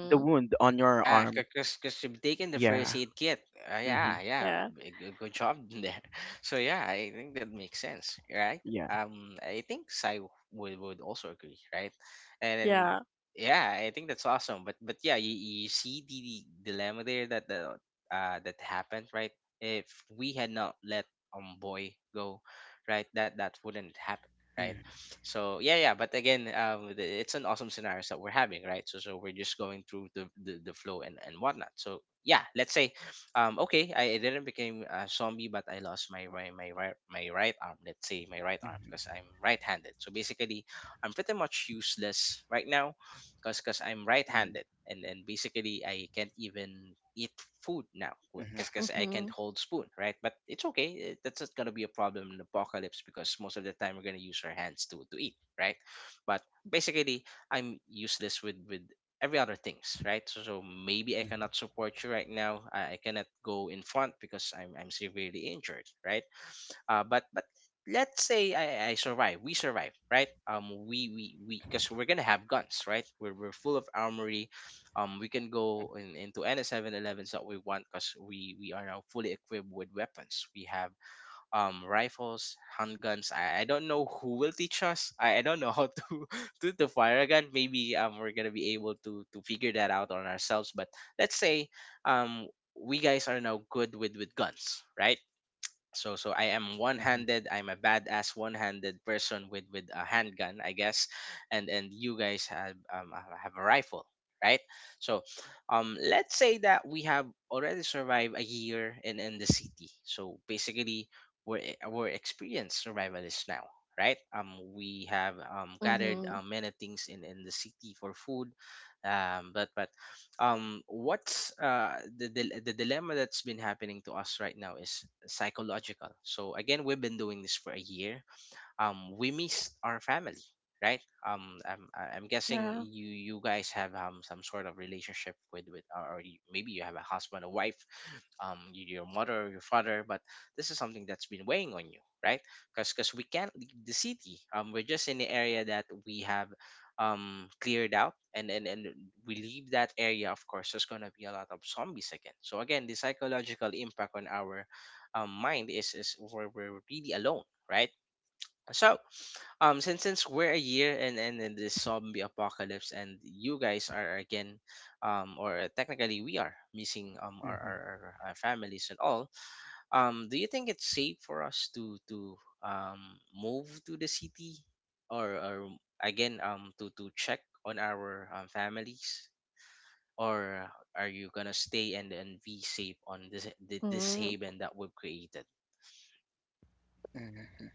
Speaker 2: on your
Speaker 1: Yeah,
Speaker 2: arm.
Speaker 1: because you've taken the
Speaker 2: Yeah.
Speaker 1: first aid kit.
Speaker 2: Hmm.
Speaker 1: Yeah, yeah,
Speaker 3: Yeah.
Speaker 1: good, good job *laughs* there. So yeah, I think that makes sense, right?
Speaker 2: Yeah.
Speaker 1: I think Sai would also agree, right? And then,
Speaker 3: Yeah.
Speaker 1: yeah, I think that's awesome. But yeah, you see the dilemma there that the that happened, right? If we had not let boy go, right, that that wouldn't happen right?
Speaker 2: Mm-hmm.
Speaker 1: So yeah, yeah. But again, it's an awesome scenario that we're having, right? So so we're just going through the flow and whatnot. So yeah, let's say, okay, I didn't become a zombie, but I lost my right arm. Let's say my right arm because
Speaker 2: Mm-hmm.
Speaker 1: I'm right-handed. So basically, I'm pretty much useless right now because I'm
Speaker 2: Mm-hmm.
Speaker 1: right-handed and basically I can't even eat food now
Speaker 2: Mm-hmm.
Speaker 1: because I can't
Speaker 3: Mhm.
Speaker 1: hold spoon right, but it's okay eh, that's not gonna be a problem in apocalypse because most of the time we're gonna use our hands to eat right, but basically I'm useless with every other things right, so, so maybe I
Speaker 2: Mhm.
Speaker 1: cannot support you right now. I cannot go in front because I'm severely injured right. But let's say I survive. We survive, right? We because we're gonna have guns, right? We're full of armory. We can go into any 7-Elevens that we want because we are now fully equipped with weapons. We have rifles, handguns. I don't know who will teach us. I don't know how to, *laughs* to fire a gun. Maybe we're gonna be able to figure that out on ourselves. But let's say um we guys are now good with guns, right? So so I am
Speaker 2: Mhm.
Speaker 1: one-handed. I'm a badass one-handed person with a handgun, I guess, and you guys have a rifle, right? So, let's say that we have already survived a year in the city. So basically, we're experienced survivalists now, right? We have gathered
Speaker 3: Mhm.
Speaker 1: many things in the city for food, but what's the dilemma that's been happening to us right now is psychological, so again we've been doing this for a year, we missed our family, right? I'm guessing
Speaker 3: Yeah.
Speaker 1: you you guys have um some sort of relationship with or you, maybe you have a husband, a wife, your mother, your father, but this is something that's been weighing on you, right? Because we can't leave the city. We're just in the area that we have cleared out and and we leave that area, of course there's going to be a lot of zombies again. So again, the psychological impact on our um mind is we're really alone right. So, since we're a year in in this zombie apocalypse, and you guys are again, or technically we are missing
Speaker 2: Mhm.
Speaker 1: our families and all. Do you think it's safe for us to move to the city, or again to check on our um families, or are you gonna stay and be safe on this
Speaker 3: Mhm.
Speaker 1: haven that we've created?
Speaker 2: Mhm.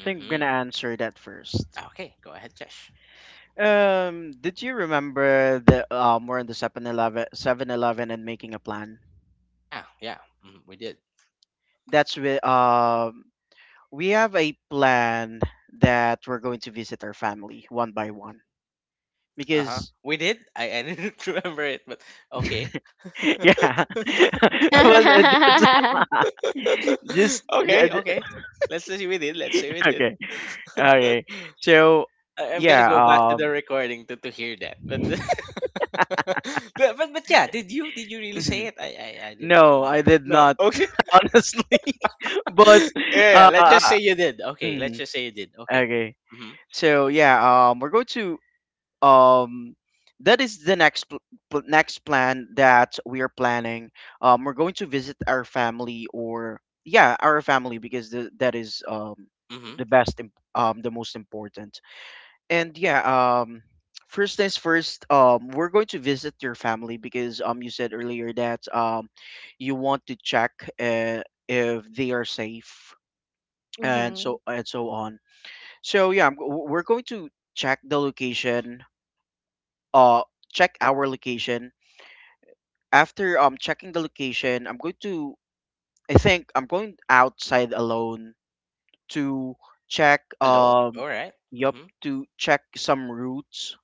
Speaker 2: I think I'm
Speaker 1: hmm
Speaker 2: gonna answer that first.
Speaker 1: Okay, go ahead, Josh.
Speaker 2: Did you remember, the we're in the 7-Eleven, 7-Eleven, and making a plan?
Speaker 1: Yeah, yeah, mhm, we did.
Speaker 2: That's with, we have a plan that we're going to visit our family one by one,
Speaker 1: Uh huh.
Speaker 2: because
Speaker 1: We did. I didn't *laughs* remember it, but okay.
Speaker 2: *laughs* yeah, *laughs* but just, *laughs* just,
Speaker 1: *laughs*
Speaker 2: *laughs*
Speaker 1: Okay, okay. Let's say we did. Let's say we did.
Speaker 2: okay,
Speaker 1: *laughs*
Speaker 2: okay, so
Speaker 1: I'm gonna
Speaker 2: yeah,
Speaker 1: go back to the recording to hear that. But, *laughs* but yeah, did you really say
Speaker 2: mhm.
Speaker 1: it? I did not
Speaker 2: No, I
Speaker 1: remember.
Speaker 2: did
Speaker 1: No.
Speaker 2: not,
Speaker 1: Okay.
Speaker 2: *laughs* honestly. *laughs* but
Speaker 1: *laughs* Yeah. Yeah, let's just
Speaker 2: uh
Speaker 1: say you did. Okay. Let's
Speaker 2: mm,
Speaker 1: just say you did. Okay.
Speaker 2: okay,
Speaker 1: Mhm.
Speaker 2: so yeah, we're going to, um that is the next next plan that we are planning. We're going to visit our family, or yeah our family, because that is,
Speaker 1: Mhm.
Speaker 2: the the most important. And yeah First things first, we're going to visit your family because, you said earlier that, you want to check, uh, if they are safe
Speaker 3: Mhm.
Speaker 2: and so on. So yeah, we're going to check the location, uh check our location. After checking the location, I'm going to, I think I'm going outside alone to check,
Speaker 1: Alone. All right.
Speaker 2: yup,
Speaker 1: Mhm.
Speaker 2: to check some routes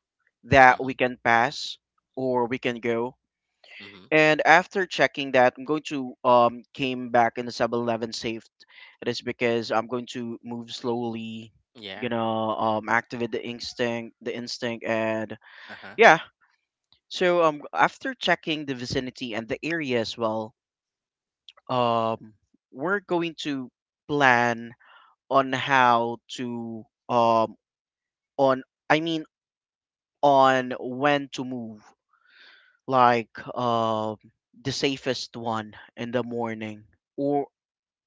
Speaker 2: that we
Speaker 1: Mhm.
Speaker 2: can pass or we can go.
Speaker 1: Mhm.
Speaker 2: And after checking that, I'm going to came back in the 7-Eleven safe. It is because I'm going to move slowly,
Speaker 1: Yeah.
Speaker 2: gonna activate the instinct and
Speaker 1: Uh
Speaker 2: yeah. So after checking the vicinity and the area as well, um we're going to plan on how to, on I mean, on when to move, like, the safest one in the morning, or,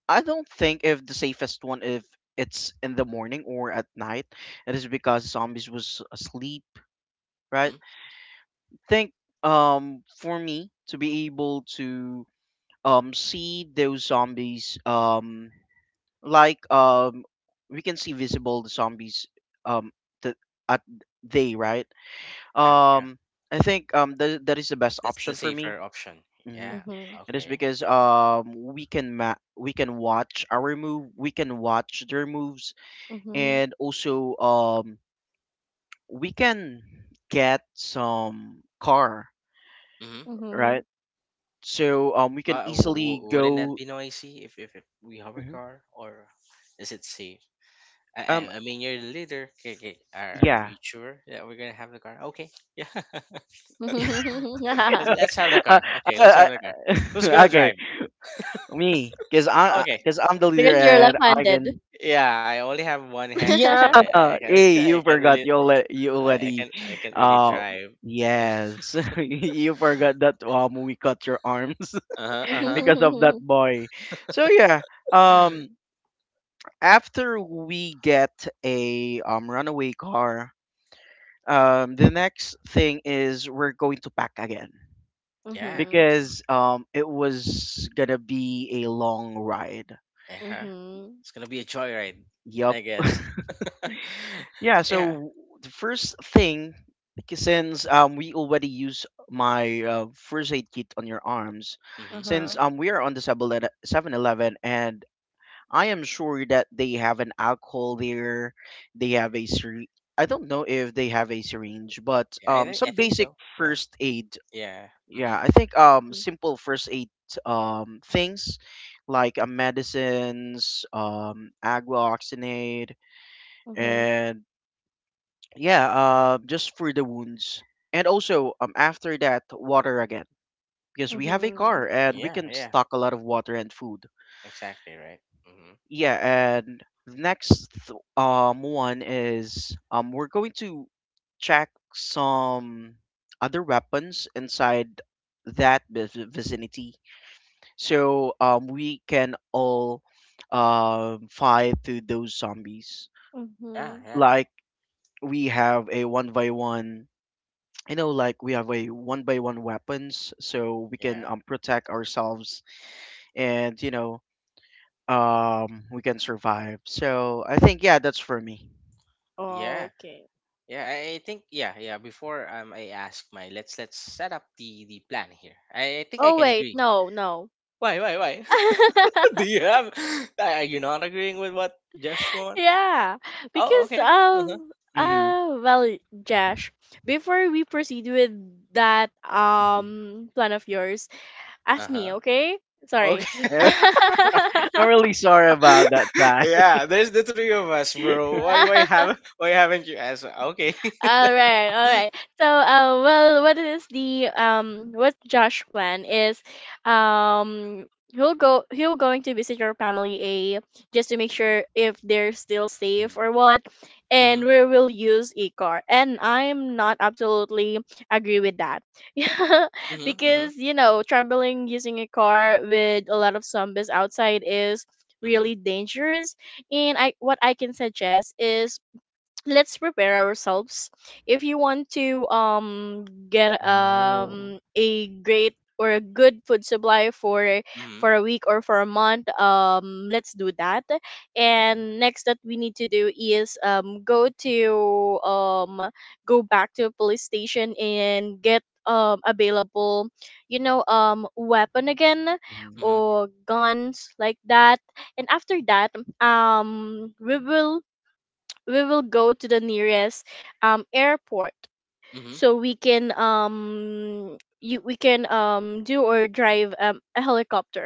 Speaker 2: I don't think if the safest one if it's in the morning or at night. It is because zombies was asleep, right?
Speaker 1: huh.
Speaker 2: Think for me to be able to, see those zombies, like, we can see visible the zombies, um the at they right.
Speaker 1: Yeah, yeah.
Speaker 2: Um i think um that, that is the best
Speaker 1: That's the
Speaker 2: option for me.
Speaker 1: safer option.
Speaker 2: Hmm.
Speaker 1: Yeah.
Speaker 2: It is
Speaker 1: Okay.
Speaker 2: because, we can watch our move we can watch their moves,
Speaker 3: Mhm.
Speaker 2: and also, we can get some car,
Speaker 1: Mm-hmm.
Speaker 3: Mhm.
Speaker 2: right?
Speaker 3: Mhm.
Speaker 2: So, we can
Speaker 1: But
Speaker 2: easily
Speaker 1: wouldn't that
Speaker 2: go.
Speaker 1: be noisy if, if we have a
Speaker 2: Mhm.
Speaker 1: car, or is it safe? I,
Speaker 2: um
Speaker 1: I mean, you're the leader. Okay, okay. Are
Speaker 2: yeah.
Speaker 1: we sure that we're gonna have the car? Okay. Yeah. *laughs* Let's
Speaker 3: *laughs* *laughs*
Speaker 1: have the
Speaker 2: *laughs* I,
Speaker 1: car. Okay, let's
Speaker 2: I,
Speaker 1: have the car.
Speaker 2: *laughs*
Speaker 1: Who's gonna
Speaker 2: okay,
Speaker 1: drive?
Speaker 2: me, cause I, I-
Speaker 1: Okay.
Speaker 2: cause I'm the leader
Speaker 3: Because you're
Speaker 2: and I
Speaker 3: left-handed.
Speaker 2: can.
Speaker 1: Yeah, I only have one hand, so so
Speaker 2: Yeah,
Speaker 3: *laughs*
Speaker 1: I can *laughs*
Speaker 2: hey,
Speaker 1: I
Speaker 2: you
Speaker 1: can't
Speaker 2: forgot
Speaker 1: really
Speaker 2: you already, you
Speaker 1: I can
Speaker 2: already,
Speaker 1: I can't really
Speaker 2: uh,
Speaker 1: drive. *laughs*
Speaker 2: yes, *laughs* you forgot that we cut your arms
Speaker 1: Uh huh. Uh
Speaker 2: *laughs*
Speaker 1: huh.
Speaker 2: because
Speaker 1: *gasps*
Speaker 2: of that
Speaker 3: Mhm.
Speaker 2: boy. So yeah, um, after we get a, runaway car, the next thing is we're going to pack again.
Speaker 1: Yeah.
Speaker 3: Mhm.
Speaker 2: Because it was gonna be a long ride.
Speaker 1: Uh huh.
Speaker 3: Mhm.
Speaker 1: It's gonna be a joyride,
Speaker 2: Yep.
Speaker 1: I guess.
Speaker 2: Yeah,
Speaker 1: *laughs* Yeah.
Speaker 2: so the first thing, since we already use my first aid kit on your arms.
Speaker 1: Mm-hmm.
Speaker 2: Since
Speaker 3: Uh-huh.
Speaker 2: we are on the 7, and I am sure that they have an alcohol there, they have a syringe. I don't know if they have a syringe, but
Speaker 1: I
Speaker 2: some
Speaker 1: think
Speaker 2: basic
Speaker 1: so. Yeah.
Speaker 2: first aid.
Speaker 1: Yeah.
Speaker 2: Yeah,
Speaker 1: Mm-hmm.
Speaker 2: I think
Speaker 3: Mhm.
Speaker 2: simple first aid, things like medicines, agua oxinate,
Speaker 3: Mhm.
Speaker 2: and yeah, just for the wounds. And also, after that, water again, because we have a car
Speaker 3: Mhm.
Speaker 2: and we
Speaker 1: Yeah.
Speaker 2: can
Speaker 1: Yeah.
Speaker 2: stock a lot of water and food.
Speaker 1: Exactly. Right. Mm-hmm.
Speaker 2: Yeah, and the next one is, we're going to check some other weapons inside that vicinity, so, we can all, fight through those zombies.
Speaker 1: Yeah.
Speaker 3: Mhm.
Speaker 1: Yeah.
Speaker 2: Like, we have a one by one, you know, like we have a one by one weapons, so we can,
Speaker 1: Yeah.
Speaker 2: protect ourselves, and, you know, we can survive. So I think, yeah, that's for me.
Speaker 3: Oh,
Speaker 1: Yeah.
Speaker 3: okay.
Speaker 1: Yeah. I think. Yeah. Yeah. Before I ask my, let's set up the plan here. I think I
Speaker 3: Oh
Speaker 1: can
Speaker 3: wait,
Speaker 1: agree.
Speaker 3: no, no.
Speaker 1: Why? Why? Why? *laughs* Do you
Speaker 3: *laughs*
Speaker 1: have? Are you not agreeing with what Josh wants?
Speaker 3: Yeah,
Speaker 1: Oh.
Speaker 3: because
Speaker 1: Okay. Uh huh.
Speaker 2: Hmm.
Speaker 3: well, Josh, before we proceed with that plan of yours,
Speaker 1: Uh
Speaker 3: ask
Speaker 1: huh.
Speaker 3: me, okay? Sorry.
Speaker 1: Okay.
Speaker 2: *laughs*
Speaker 1: *laughs*
Speaker 3: *laughs*
Speaker 2: I'm really sorry about that
Speaker 1: *laughs*
Speaker 2: time.
Speaker 1: Yeah, there's the three of us, bro. Why why haven't you asked? Okay. *laughs*
Speaker 3: All right, all right. So, well, what Josh plan is, um, he'll going to visit your family, A, just to make sure if they're still safe or
Speaker 2: *laughs*
Speaker 3: what, and
Speaker 1: mhm.
Speaker 3: we will use a car. And I'm not absolutely agree with that, *laughs* yeah,
Speaker 1: Mhm. Mhm.
Speaker 3: because traveling using a car with a lot of zombies outside is
Speaker 1: Mhm.
Speaker 3: really dangerous. And what I can suggest is, let's prepare ourselves. If you want to get
Speaker 2: Oh.
Speaker 3: a great or a good food supply for
Speaker 1: Mhm.
Speaker 3: a week or for a month, let's do that.
Speaker 1: Mhm.
Speaker 3: And next that we need to do is go back to a police station and get available, weapon again,
Speaker 2: Mhm.
Speaker 1: Mhm.
Speaker 3: or guns like that. And after that, um we will we will go to the nearest airport
Speaker 1: mhm.
Speaker 3: so we can you we can do or drive a helicopter,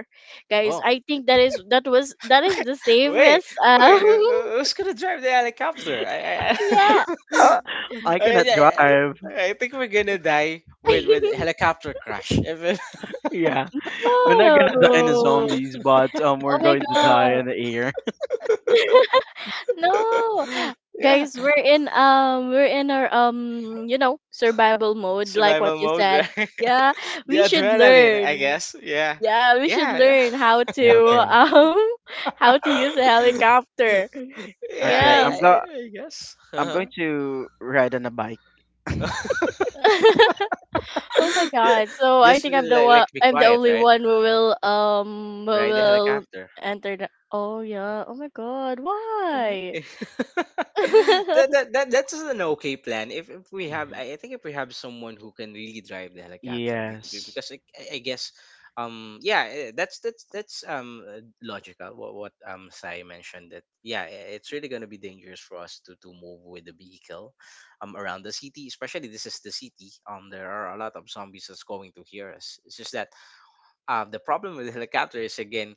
Speaker 3: guys.
Speaker 1: Oh.
Speaker 3: I think that is the
Speaker 1: Wait.
Speaker 3: safest,
Speaker 1: Wait. Who's gonna drive the helicopter? I.
Speaker 3: *laughs* yeah.
Speaker 2: Uh, *laughs* I
Speaker 1: *laughs*
Speaker 2: cannot
Speaker 1: I- I-
Speaker 2: drive.
Speaker 1: I think we're gonna die with
Speaker 3: *laughs*
Speaker 1: helicopter crash. If it-
Speaker 2: Yeah. We're not gonna die in the
Speaker 3: Whoa.
Speaker 2: zombies, but, we're
Speaker 3: Oh my
Speaker 2: going to die
Speaker 3: God.
Speaker 2: in the air.
Speaker 3: No,
Speaker 1: *laughs* Yeah,
Speaker 3: guys, we're in our survival mode, like what
Speaker 1: survival
Speaker 3: you
Speaker 1: mode,
Speaker 3: said.
Speaker 1: right?
Speaker 3: Yeah,
Speaker 1: *laughs* The
Speaker 3: we should
Speaker 1: adrenaline, I
Speaker 3: learn.
Speaker 1: guess. Yeah,
Speaker 3: Yeah, we should
Speaker 1: yeah, yeah,
Speaker 3: learn how
Speaker 2: *laughs*
Speaker 3: to,
Speaker 2: Okay.
Speaker 3: *laughs* how to use a
Speaker 1: *laughs*
Speaker 3: helicopter.
Speaker 1: Yeah.
Speaker 2: Okay. I'm
Speaker 3: Yes.
Speaker 2: go.
Speaker 1: I guess.
Speaker 2: I'm going
Speaker 1: *laughs*
Speaker 2: to ride on a bike.
Speaker 3: *laughs* Oh my
Speaker 1: *laughs* Yeah,
Speaker 3: God. So I
Speaker 1: just
Speaker 3: think
Speaker 1: like be
Speaker 3: I'm the
Speaker 1: quiet,
Speaker 3: only
Speaker 1: right?
Speaker 3: one who will
Speaker 1: Ride the helicopter.
Speaker 3: enter the Oh yeah. Oh my God.
Speaker 1: Uh,
Speaker 3: Why?
Speaker 1: *laughs*
Speaker 3: *laughs*
Speaker 1: that's an okay plan. If we have,
Speaker 2: Hmm.
Speaker 1: I think if we have someone who can really drive the helicopter,
Speaker 2: Yes.
Speaker 1: because I guess, yeah, eh, that's logical. What Sai mentioned that yeah, eh, it's really gonna be dangerous for us to move with the vehicle, around the city, especially this is the city. There are a lot of zombies that's going to hear us. It's just that the problem with the helicopter is again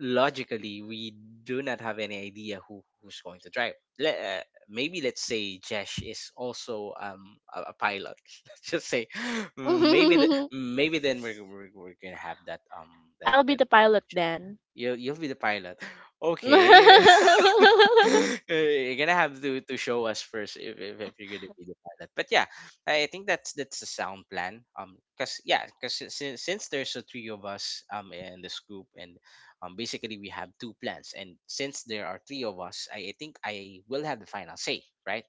Speaker 1: logically we do not have any idea who who's going to drive. Le- uh, Maybe let's say Jesh is also a pilot. *laughs* Let's just say *laughs* maybe the, maybe then we're gonna have that
Speaker 3: I'll be the
Speaker 1: um
Speaker 3: pilot
Speaker 1: Jesh.
Speaker 3: then.
Speaker 1: You you'll be the pilot. *laughs* Okay, *laughs*
Speaker 3: *laughs*
Speaker 1: *laughs* you're gonna have to show us first if, if you're gonna be the pilot. But yeah, I think that's the sound plan. Cause yeah, cause since there's a three of us in this group, and basically we have two plans, and since there are three of us, I think I will have the final say, right?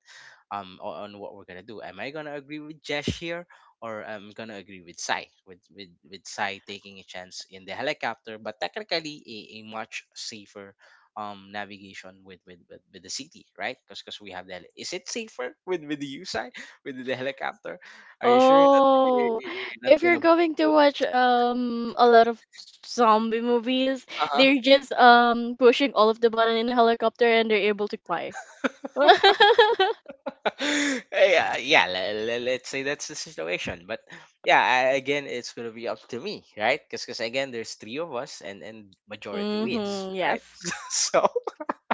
Speaker 1: Um on what we're gonna do. Am I gonna agree with Jesh here, or I'm gonna agree with Sai with Sai taking a chance in the helicopter, but technically a much safer navigation with with the city, right? Because we have that. Is it safer *laughs* with you Sai, with the helicopter? Are you sure that
Speaker 3: Oh,
Speaker 1: you're not
Speaker 3: if you're
Speaker 1: gonna?
Speaker 3: going to watch a lot of zombie movies,
Speaker 1: Uh huh.
Speaker 3: they're just pushing all of the button in a helicopter and they're able to fly. *laughs*
Speaker 1: *laughs* Yeah, yeah, let's say that's the situation. But yeah, I, again, it's gonna be up to me, right? Because again, there's three of us, and majority
Speaker 2: Hmm.
Speaker 1: wins,
Speaker 3: Mm-hmm,
Speaker 1: right?
Speaker 3: yes.
Speaker 1: *laughs* So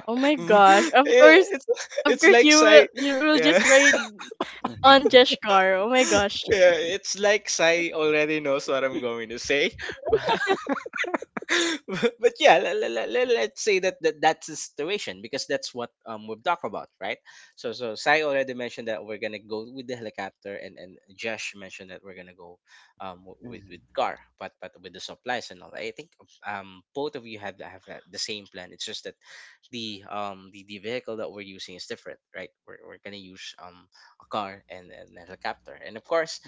Speaker 3: Oh my
Speaker 1: Mm. Eh,
Speaker 3: gosh.
Speaker 1: it's
Speaker 3: Of course,
Speaker 1: like
Speaker 3: you will
Speaker 1: say, yeah.
Speaker 3: just ride on Jeshkar. Oh my
Speaker 1: *laughs*
Speaker 3: gosh.
Speaker 1: Yeah, it's like Sai already knows what I'm going to say, *laughs* but *laughs* but yeah, let's say that, that's the situation, because that's what we've talked about, right? So so Sai already mentioned that we're gonna go with the helicopter, and Josh mentioned that we're gonna go
Speaker 2: Hmm.
Speaker 1: with car, but with the supplies and all. I think both of you have that, the same plan. It's just that the vehicle that we're using is different, right? We're gonna use a car and a helicopter, and of course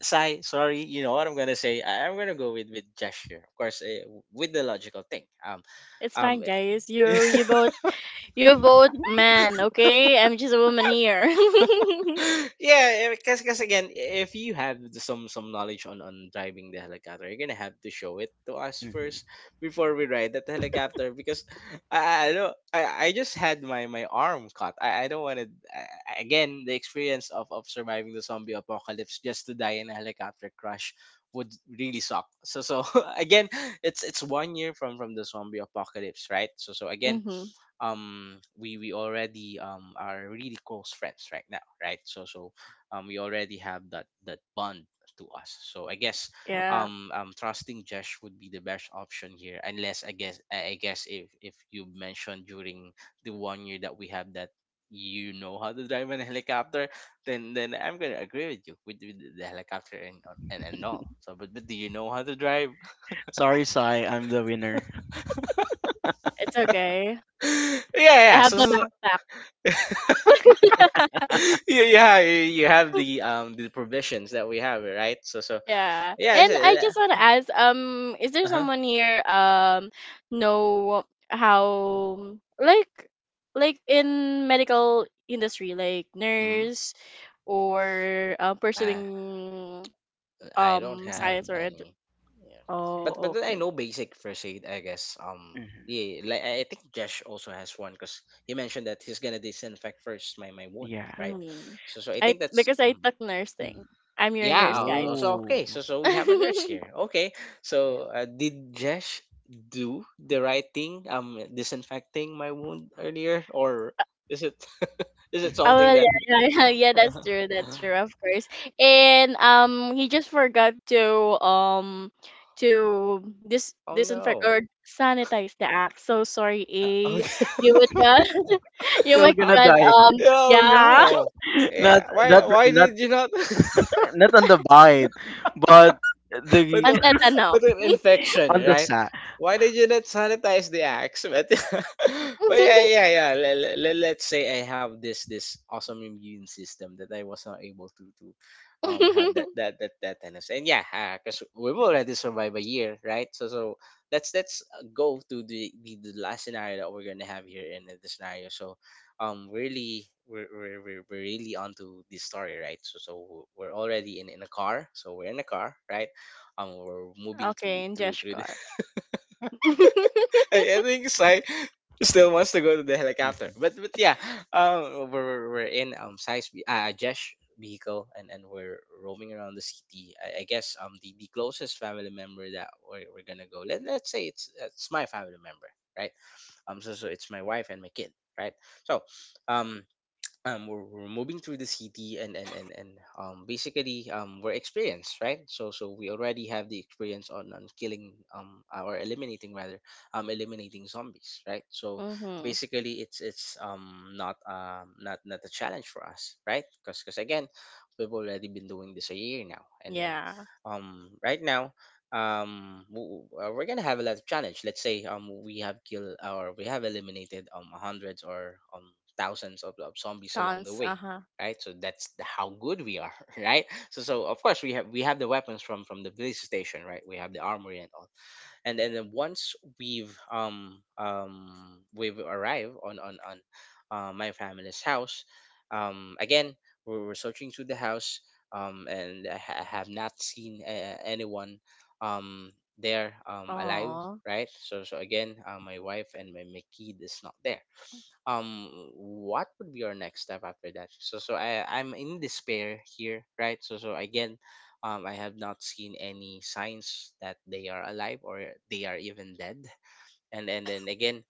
Speaker 1: Sai, sorry, you know what I'm gonna say. I'm gonna go with gesture, of course, with the logical thing.
Speaker 3: It's
Speaker 1: Um,
Speaker 3: fine, guys. You
Speaker 1: *laughs*
Speaker 3: you both you both, man, okay? I'm just a woman here. *laughs*
Speaker 1: yeah, because again, if you have some knowledge on driving the helicopter, you're gonna have to show it to us first
Speaker 2: Hmm.
Speaker 1: before we ride that helicopter. Because I don't I just had my arm cut. I don't want to again the experience of surviving the zombie apocalypse just to die in a helicopter crash would really suck. So *laughs* again, it's 1 year from the zombie apocalypse, right? So so again,
Speaker 3: Mm-hmm.
Speaker 1: um we already are really close friends right now, right? So we already have that bond to us, so I guess
Speaker 3: Yeah.
Speaker 1: trusting Josh would be the best option here. Unless, I guess if you mentioned during the 1 year that we have that you know how to drive an helicopter, then I'm gonna agree with you with the helicopter and all. But do you know how to drive?
Speaker 2: Sorry, Sai. I'm the winner.
Speaker 3: It's okay.
Speaker 1: *laughs* yeah
Speaker 3: I
Speaker 1: yeah
Speaker 3: have
Speaker 1: so,
Speaker 3: the
Speaker 1: so so
Speaker 3: backpack. *laughs*
Speaker 1: *laughs* Yeah, yeah, you have the provisions that we have, right? So so
Speaker 3: Yeah. And I
Speaker 1: yeah,
Speaker 3: just want to ask, is there
Speaker 1: uh huh.
Speaker 3: someone here know how, like in medical industry, like
Speaker 1: Mm-hmm.
Speaker 3: nurse or
Speaker 1: Uh,
Speaker 3: pursuing
Speaker 1: I don't have
Speaker 3: science or
Speaker 2: Hmm.
Speaker 1: any. Yeah,
Speaker 3: oh,
Speaker 1: but then I
Speaker 3: okay.
Speaker 1: know basic first aid.
Speaker 2: Hmm.
Speaker 1: Yeah, like I think Josh also has one, because he mentioned that he's gonna disinfect first my wound,
Speaker 2: Yeah.
Speaker 1: right?
Speaker 3: Hmm.
Speaker 1: So so I
Speaker 3: I
Speaker 1: think that's,
Speaker 3: Because I
Speaker 1: mm-hmm.
Speaker 3: took
Speaker 2: Hmm.
Speaker 3: nursing. I'm your nurse,
Speaker 1: Yeah.
Speaker 3: guys.
Speaker 1: Oh, So okay.
Speaker 2: Oh.
Speaker 1: So so we have a nurse here.
Speaker 3: *laughs*
Speaker 1: Okay. So did Jesh do the right thing? Disinfecting my wound earlier, or is it *laughs* is it
Speaker 3: Oh
Speaker 1: something
Speaker 3: well, yeah,
Speaker 1: that?
Speaker 2: *laughs*
Speaker 3: yeah, *laughs* yeah, yeah,
Speaker 1: *laughs*
Speaker 3: that's true, of course. And he just forgot to um
Speaker 1: Oh
Speaker 3: disinfect
Speaker 1: no.
Speaker 3: or sanitize the act. So sorry, A.
Speaker 1: Okay.
Speaker 3: You would not,
Speaker 1: *laughs*
Speaker 3: *laughs* you
Speaker 2: You're
Speaker 3: might
Speaker 1: Uh,
Speaker 2: gonna
Speaker 3: get,
Speaker 2: die.
Speaker 1: oh
Speaker 3: yeah,
Speaker 1: no.
Speaker 2: *laughs* not
Speaker 1: Yeah. Why
Speaker 2: not not
Speaker 1: did you not? *laughs*
Speaker 2: not on the bite, but
Speaker 1: *laughs*
Speaker 3: *laughs*
Speaker 1: With
Speaker 2: the,
Speaker 3: ang
Speaker 1: a
Speaker 3: tetano.
Speaker 1: with an
Speaker 2: *laughs*
Speaker 1: infection,
Speaker 2: on the
Speaker 3: *laughs*
Speaker 1: right?
Speaker 2: sack.
Speaker 1: Why did you not sanitize the axe? *laughs* But yeah, yeah, yeah. Let's say I have this awesome immune system that I was not able to have that tennis. And yeah, because we've already survived a year, right? Let's go to the last scenario that we're gonna have here in the scenario. So really we're really onto this story, right? So so we're already in a car. So we're in a car, right? We're moving through
Speaker 3: Okay, in
Speaker 1: through through the…
Speaker 3: Jeshkar. *laughs*
Speaker 1: *laughs* I think Sai still wants to go to the helicopter.
Speaker 2: Mhm,
Speaker 1: But yeah, we're we're in Sai's Jesh vehicle, and we're roaming around the city. I guess the closest family member that we're gonna go. Let let's say it's my family member, right? So it's my wife and my kid, right? So um we're moving through the city and basically we're experienced, right? So so we already have the experience on killing or eliminating rather eliminating zombies, right? So
Speaker 3: Mm-hmm.
Speaker 1: basically it's it's not not a challenge for us, right? Because again, we've already been doing this a year now. And then
Speaker 3: Yeah.
Speaker 1: right now we're gonna have a lot of challenge. Let's say we have killed or we have eliminated hundreds or thousands of zombies along the
Speaker 3: Dance.
Speaker 1: way,
Speaker 3: Uh-huh.
Speaker 1: right? So that's the- how good we are. *laughs* Right? So so of course we have the weapons from the police station, right? We have the armory and all. And then once we've arrived on my family's house, again, we're searching through the house, and I have not seen anyone um there alive,
Speaker 3: Aw.
Speaker 1: right? So so again my wife and my kid is not there. um what would be our next step after that? I I'm in despair here, right? So so again I have not seen any signs that they are alive or they are even dead. And then again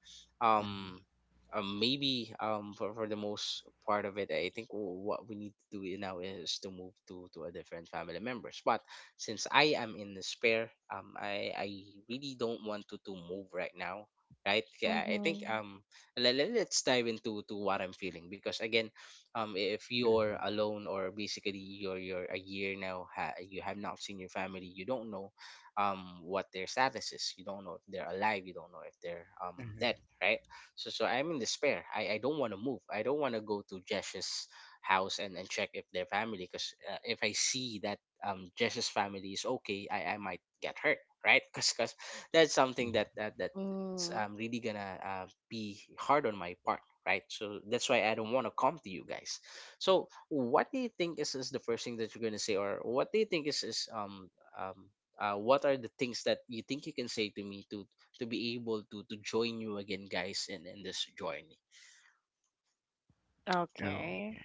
Speaker 2: mhm,
Speaker 1: um maybe for the most part of it, I think what we need to do now is to move to a different family members. But since I am in despair, I really don't want to move right now, right? Yeah, I think
Speaker 3: Mm-hmm.
Speaker 1: let, let's dive into to what I'm feeling. Because again, if you're
Speaker 2: mhm,
Speaker 1: alone, or basically you're a year now, you have not seen your family, you don't know what their status is. You don't know if they're alive, you don't know if they're dead,
Speaker 2: mhm.
Speaker 1: right? So so I'm in despair. I don't want to move, I don't want to go to Jesh's house and check if their family. Because if I see that Jesh's family is okay, I might get hurt, right? *laughs* Because that's something that that it's
Speaker 3: Mm.
Speaker 1: really gonna be hard on my part, right? So that's why I don't want to come to you guys. So what do you think is the first thing that you're gonna say? Or what do you think is um what are the things that you think you can say to me to be able to join you again, guys, in this journey?
Speaker 2: Oh.
Speaker 3: Okay.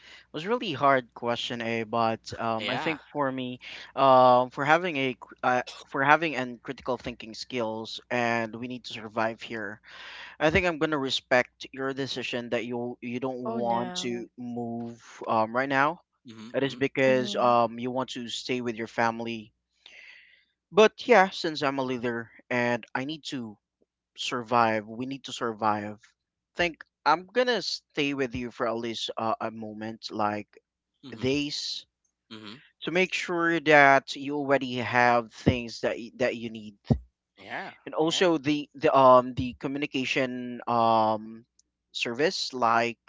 Speaker 2: It was really hard question, A, but, I
Speaker 1: Yeah,
Speaker 2: think for me, for having a cr- for having and critical thinking skills, and we need to survive here. I think I'm gonna respect your decision that you don't
Speaker 3: Oh
Speaker 2: want to
Speaker 3: no.
Speaker 2: move, right now.
Speaker 1: mm-hmm,
Speaker 2: That is
Speaker 1: mm-hmm.
Speaker 2: because,
Speaker 3: Mm-hmm.
Speaker 2: you want to stay with your family. But
Speaker 1: Yeah,
Speaker 2: yeah, since I'm a leader and I need to survive, we need to survive. Think I'm gonna stay with you for at least, a moment, like,
Speaker 1: mm-hmm,
Speaker 2: days,
Speaker 1: mm-hmm.
Speaker 2: to make sure that you already have things that that you need,
Speaker 1: Yeah,
Speaker 2: and
Speaker 1: yeah.
Speaker 2: also the the communication, um, service, like,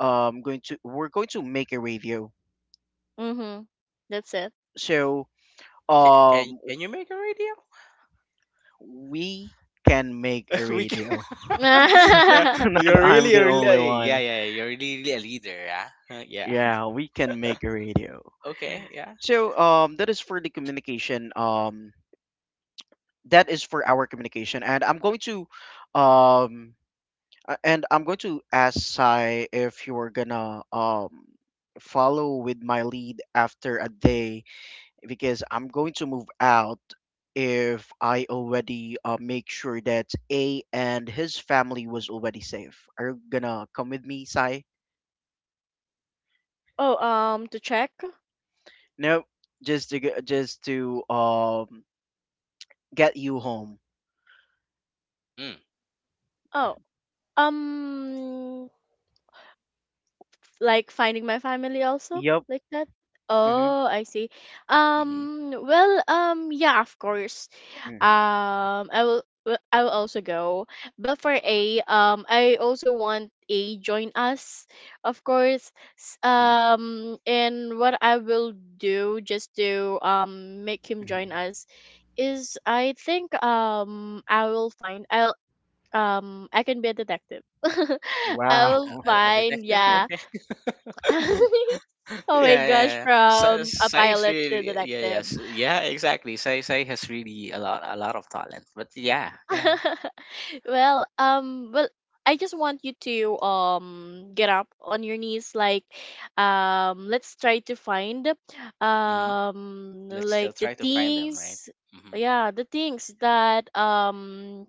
Speaker 2: going to we're going to make a radio.
Speaker 3: Mhm. That's it.
Speaker 2: So,
Speaker 1: Can,
Speaker 2: um,
Speaker 1: can you make a radio?
Speaker 2: we can make a
Speaker 1: *laughs* We can.
Speaker 2: radio.
Speaker 1: *laughs*
Speaker 2: *laughs*
Speaker 1: Yeah,
Speaker 3: *laughs*
Speaker 2: Not,
Speaker 1: you're
Speaker 2: I'm
Speaker 1: really
Speaker 2: the
Speaker 1: a
Speaker 2: only
Speaker 1: really, yeah,
Speaker 2: one.
Speaker 1: yeah, you're really, really a leader, yeah. Huh, yeah. *laughs*
Speaker 2: Yeah, we can make a radio.
Speaker 1: Okay, yeah.
Speaker 2: So, um, that is for the communication. Um, that is for our communication. And I'm going to, um, and I'm going to ask Sai if you're gonna, um, follow with my lead after a day, because I'm going to move out if I already, make sure that A and his family was already safe. Are you gonna come with me, Sai?
Speaker 3: Oh, to check.
Speaker 2: Nope. Just to, um, get you home.
Speaker 1: Mm,
Speaker 3: Oh, um, like finding my family also,
Speaker 2: Yep.
Speaker 3: like that.
Speaker 2: Mhm.
Speaker 3: Oh, I see.
Speaker 1: mm-hmm,
Speaker 3: Well, yeah, of course.
Speaker 2: Mhm.
Speaker 3: I will Well, I will also go, but for a I also want a join us, of course.
Speaker 1: mm-hmm.
Speaker 3: And what I will do just to make him join
Speaker 2: Mhm.
Speaker 3: us is, I think, I will find I'll I can be a detective. *laughs* I will
Speaker 2: Wow.
Speaker 1: A a
Speaker 3: find,
Speaker 1: detective,
Speaker 3: yeah.
Speaker 1: okay.
Speaker 3: *laughs*
Speaker 2: *laughs*
Speaker 1: *laughs*
Speaker 3: Oh my
Speaker 1: Yeah,
Speaker 3: gosh,
Speaker 1: yeah, yeah.
Speaker 3: from a
Speaker 1: Sai is
Speaker 3: pilot to
Speaker 1: really, yeah,
Speaker 3: detective.
Speaker 1: yes, yeah, exactly. Sai Sai has really a lot of talent. But yeah, yeah.
Speaker 3: *laughs* Well, I just want you to get up on your knees, like, let's try to find,
Speaker 1: Hmm. Let's still
Speaker 3: like the
Speaker 1: try to find them, right?
Speaker 3: things,
Speaker 1: Mm-hmm.
Speaker 3: yeah, the things that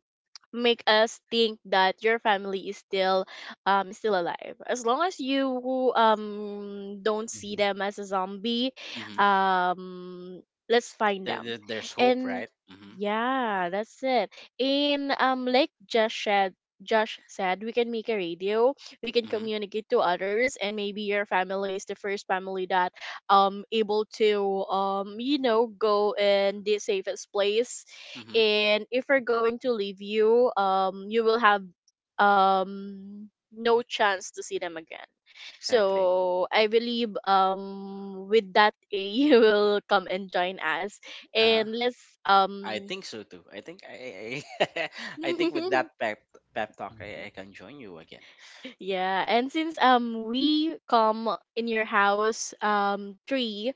Speaker 3: make us think that your family is still alive, as long as you don't
Speaker 2: Mhm,
Speaker 3: see
Speaker 2: mhm,
Speaker 3: them as a zombie.
Speaker 1: Mm-hmm.
Speaker 3: um let's find
Speaker 1: There,
Speaker 3: them.
Speaker 1: there, there's hope,
Speaker 3: And
Speaker 1: right? Mm-hmm.
Speaker 3: yeah, that's it. In Like Josh said we can make a radio. We can
Speaker 1: Mm-hmm.
Speaker 3: communicate to others, and maybe your family is the first family that able to go in the safest place.
Speaker 1: Mm-hmm.
Speaker 3: And if we're going to leave you, you will have um no chance to see them again.
Speaker 1: Exactly.
Speaker 3: So I believe, with that, A, *laughs* you will come and join us.
Speaker 1: Uh-huh.
Speaker 3: And let's,
Speaker 1: I think so too. I think I, *laughs* I think with
Speaker 3: *laughs*
Speaker 1: that pep pep talk, I can join you again.
Speaker 3: yeah, and since we come in your house three,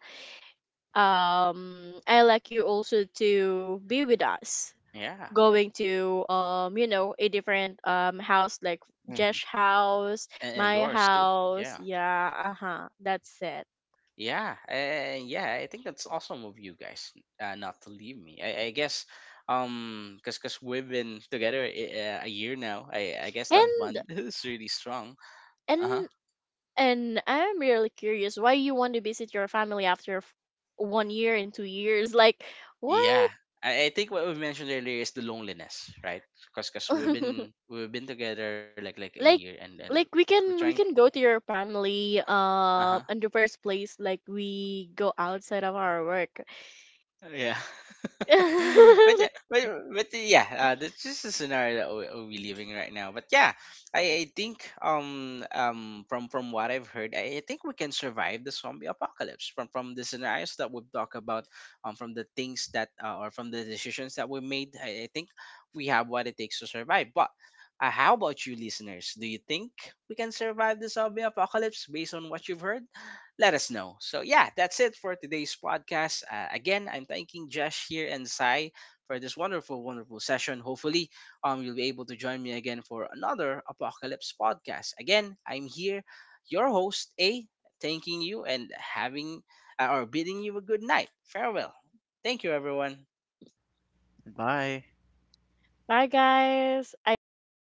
Speaker 3: I like you also to be with us,
Speaker 1: Yeah,
Speaker 3: going to a different house, like
Speaker 2: mhm,
Speaker 3: Jesh house,
Speaker 1: and
Speaker 3: my
Speaker 1: yours too.
Speaker 3: house,
Speaker 1: Yeah.
Speaker 3: yeah, uh-huh, that's it.
Speaker 1: Yeah, and yeah, I think that's awesome of you guys not to leave me. I guess, cause, cause we've been together a year now. I guess that
Speaker 2: mhm.
Speaker 3: And
Speaker 1: bond *laughs* is really strong. Uh huh.
Speaker 3: and and I'm really curious why you want to visit your family after 1 year and 2 years, like
Speaker 1: Yeah,
Speaker 3: what?
Speaker 1: I think what we mentioned earlier is the loneliness, right? Cause, cause
Speaker 3: *laughs*
Speaker 1: we've been together like a year,
Speaker 3: like
Speaker 1: and
Speaker 3: like we
Speaker 1: we're
Speaker 3: can
Speaker 1: trying.
Speaker 3: we can go to your family,
Speaker 1: Uh huh.
Speaker 3: in the first place, like we go outside of our work.
Speaker 1: Yeah. *laughs* But, yeah-
Speaker 3: *laughs*
Speaker 1: but yeah, this is the scenario that we- we're living right now. But yeah, I think from what I've heard, I think we can survive the zombie apocalypse from the scenarios that we've talked about, from the things that or from the decisions that we made. I think we have what it takes to survive. But how about you, listeners? Do you think we can survive the zombie apocalypse based on what you've heard? Let us know. So, yeah, that's it for today's podcast. Again, I'm thanking Josh here and Sai for this wonderful, wonderful session. Hopefully, you'll be able to join me again for another Apocalypse podcast. Again, I'm here, your host, A, thanking you and having or bidding you a good night. Farewell. Thank you, everyone.
Speaker 2: Bye.
Speaker 3: Bye guys, I think we will